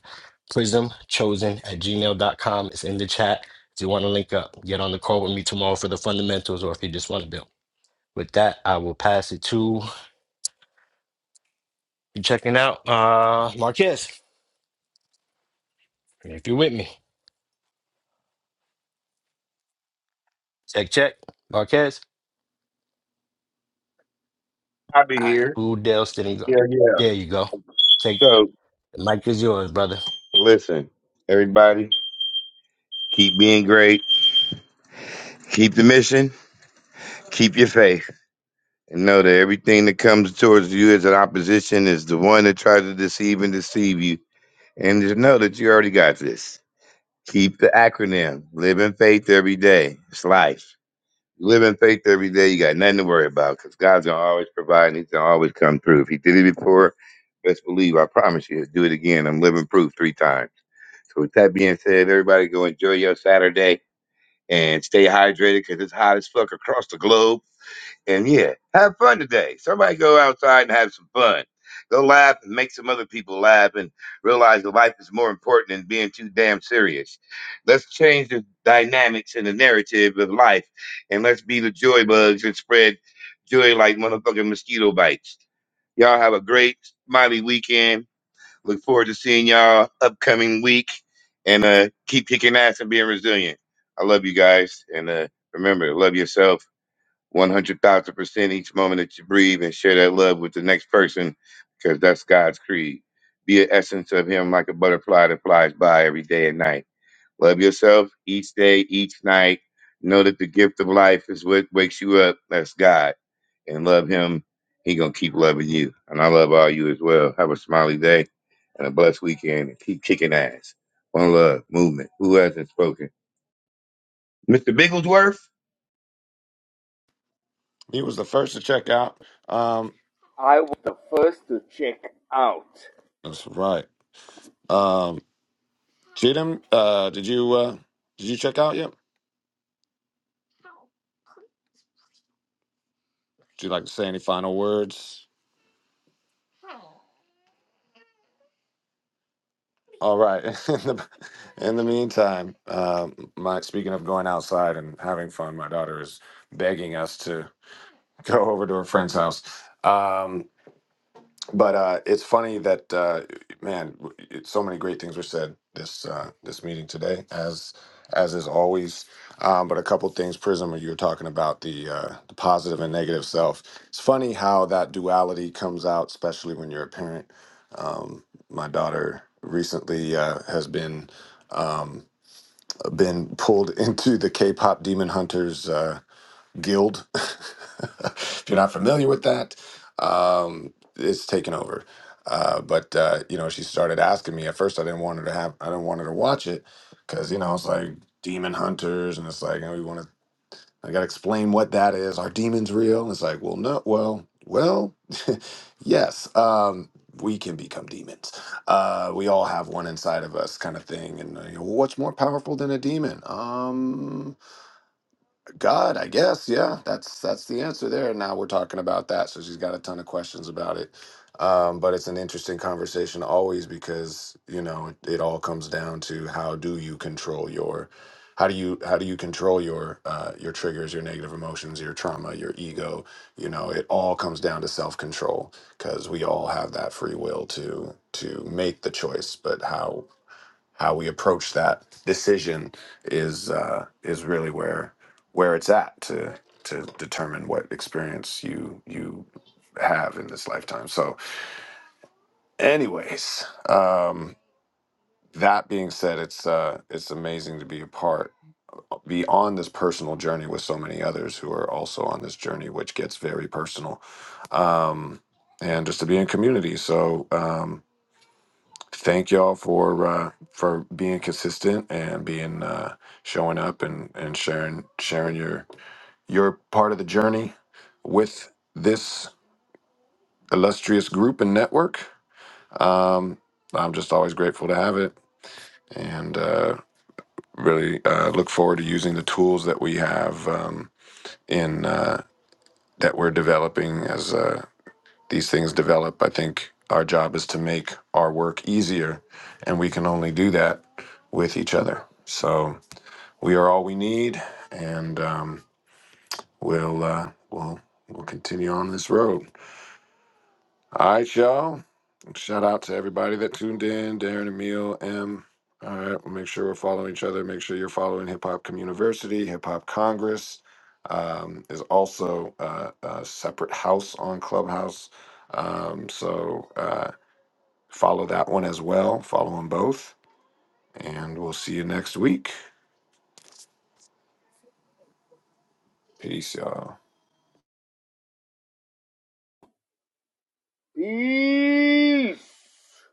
[SPEAKER 5] Prism chosen at gmail dot com. It's in the chat. If you want to link up, get on the call with me tomorrow for the fundamentals, or if you just want to build. With that, I will pass it to you checking out uh Marquez. If you're with me. Check, check. Marquez.
[SPEAKER 6] I'll be
[SPEAKER 5] All right.
[SPEAKER 6] here.
[SPEAKER 5] Who Dale Stinney go?
[SPEAKER 6] Yeah, yeah.
[SPEAKER 5] There you go. Take
[SPEAKER 6] So
[SPEAKER 5] the mic is yours, brother.
[SPEAKER 6] listen, everybody, keep being great. Keep the mission. Keep your faith. And know that everything that comes towards you as an opposition is the one that tries to deceive and deceive you And just know that you already got this. Keep the acronym. Live in faith every day. It's life. You live in faith every day. You got nothing to worry about because God's gonna always provide and He's gonna always come through. If He did it before, best believe I promise you, He'll do it again. I'm living proof three times. So with that being said, everybody go enjoy your Saturday and stay hydrated because it's hot as fuck across the globe. And yeah, have fun today. Somebody go outside and have some fun. Go laugh and make some other people laugh and realize that life is more important than being too damn serious. Let's change the dynamics and the narrative of life and let's be the joy bugs and spread joy like motherfucking mosquito bites. Y'all have a great smiley weekend. Look forward to seeing y'all upcoming week and uh, keep kicking ass and being resilient. I love you guys and uh, remember, love yourself 100,000% each moment that you breathe and share that love with the next person because that's God's creed. Be an essence of Him like a butterfly that flies by every day and night. Love yourself each day, each night. Know that the gift of life is what wakes you up. That's God. And love Him. He going to keep loving you. And I love all you as well. Have a smiley day and a blessed weekend and keep kicking ass. One love, movement. Who hasn't spoken? Mr. Bigglesworth?
[SPEAKER 1] He was the first to check out. Um,
[SPEAKER 8] I was the first to check out.
[SPEAKER 1] that's right. Um, Cheatham, uh, did you uh, did you check out yet? Would you like to say any final words? All right. In the, in the meantime, uh, my speaking of going outside and having fun, my daughter is begging us to go over to her friend's house. Um, but uh, it's funny that uh, man, w- it, so many great things were said this uh, this meeting today, as as is always. Um, but a couple things, Prism, you were talking about the, uh, the positive and negative self. It's funny how that duality comes out, especially when you're a parent. Um, my daughter recently uh, has been um, been pulled into the K-pop Demon Hunters. Uh, guild. if you're not familiar with that, um, it's taken over. Uh, but uh, you know, she started asking me. At first, I didn't want her to have. I didn't want her to watch it because you know it's like demon hunters, and it's like you know, we want to. I got to explain what that is. Are demons real? And it's like, well, no. Well, well, yes. Um, we can become demons. Uh, we all have one inside of us, kind of thing. And uh, you know, what's more powerful than a demon? Um, God, I guess, yeah, that's that's the answer there. Now we're talking about that, so she's got a ton of questions about it. Um, but it's an interesting conversation always because you know it, it all comes down to how do you control your, how do you how do you control your uh, your triggers, your negative emotions, your trauma, your ego. You know, it all comes down to self control because we all have that free will to to make the choice, but how how we approach that decision is uh, is really where where it's at to to determine what experience you you have in this lifetime. So, anyways, um, that being said, it's uh, it's amazing to be a part, be on this personal journey with so many others who are also on this journey, which gets very personal, um, and just to be in community. So. Um, thank y'all for uh, for being consistent and being uh, showing up and and sharing sharing your your part of the journey with this illustrious group and network. Um, I'm just always grateful to have it, and uh, really uh, look forward to using the tools that we have um, in uh, that we're developing as uh, these things develop. I think our job is to make our work easier, and we can only do that with each other. So we are all we need, and um, we'll uh, we'll we'll continue on this road. All right, y'all. Shout out to everybody that tuned in, Darren, Emil, M. All right, we'll make sure we're following each other. Make sure you're following Hip Hop Community, Hip Hop Congress. Um, is also uh, a separate house on Clubhouse um, so Uh, Follow that one as well. Follow them both. And we'll see you next week. Peace, y'all.
[SPEAKER 8] Peace.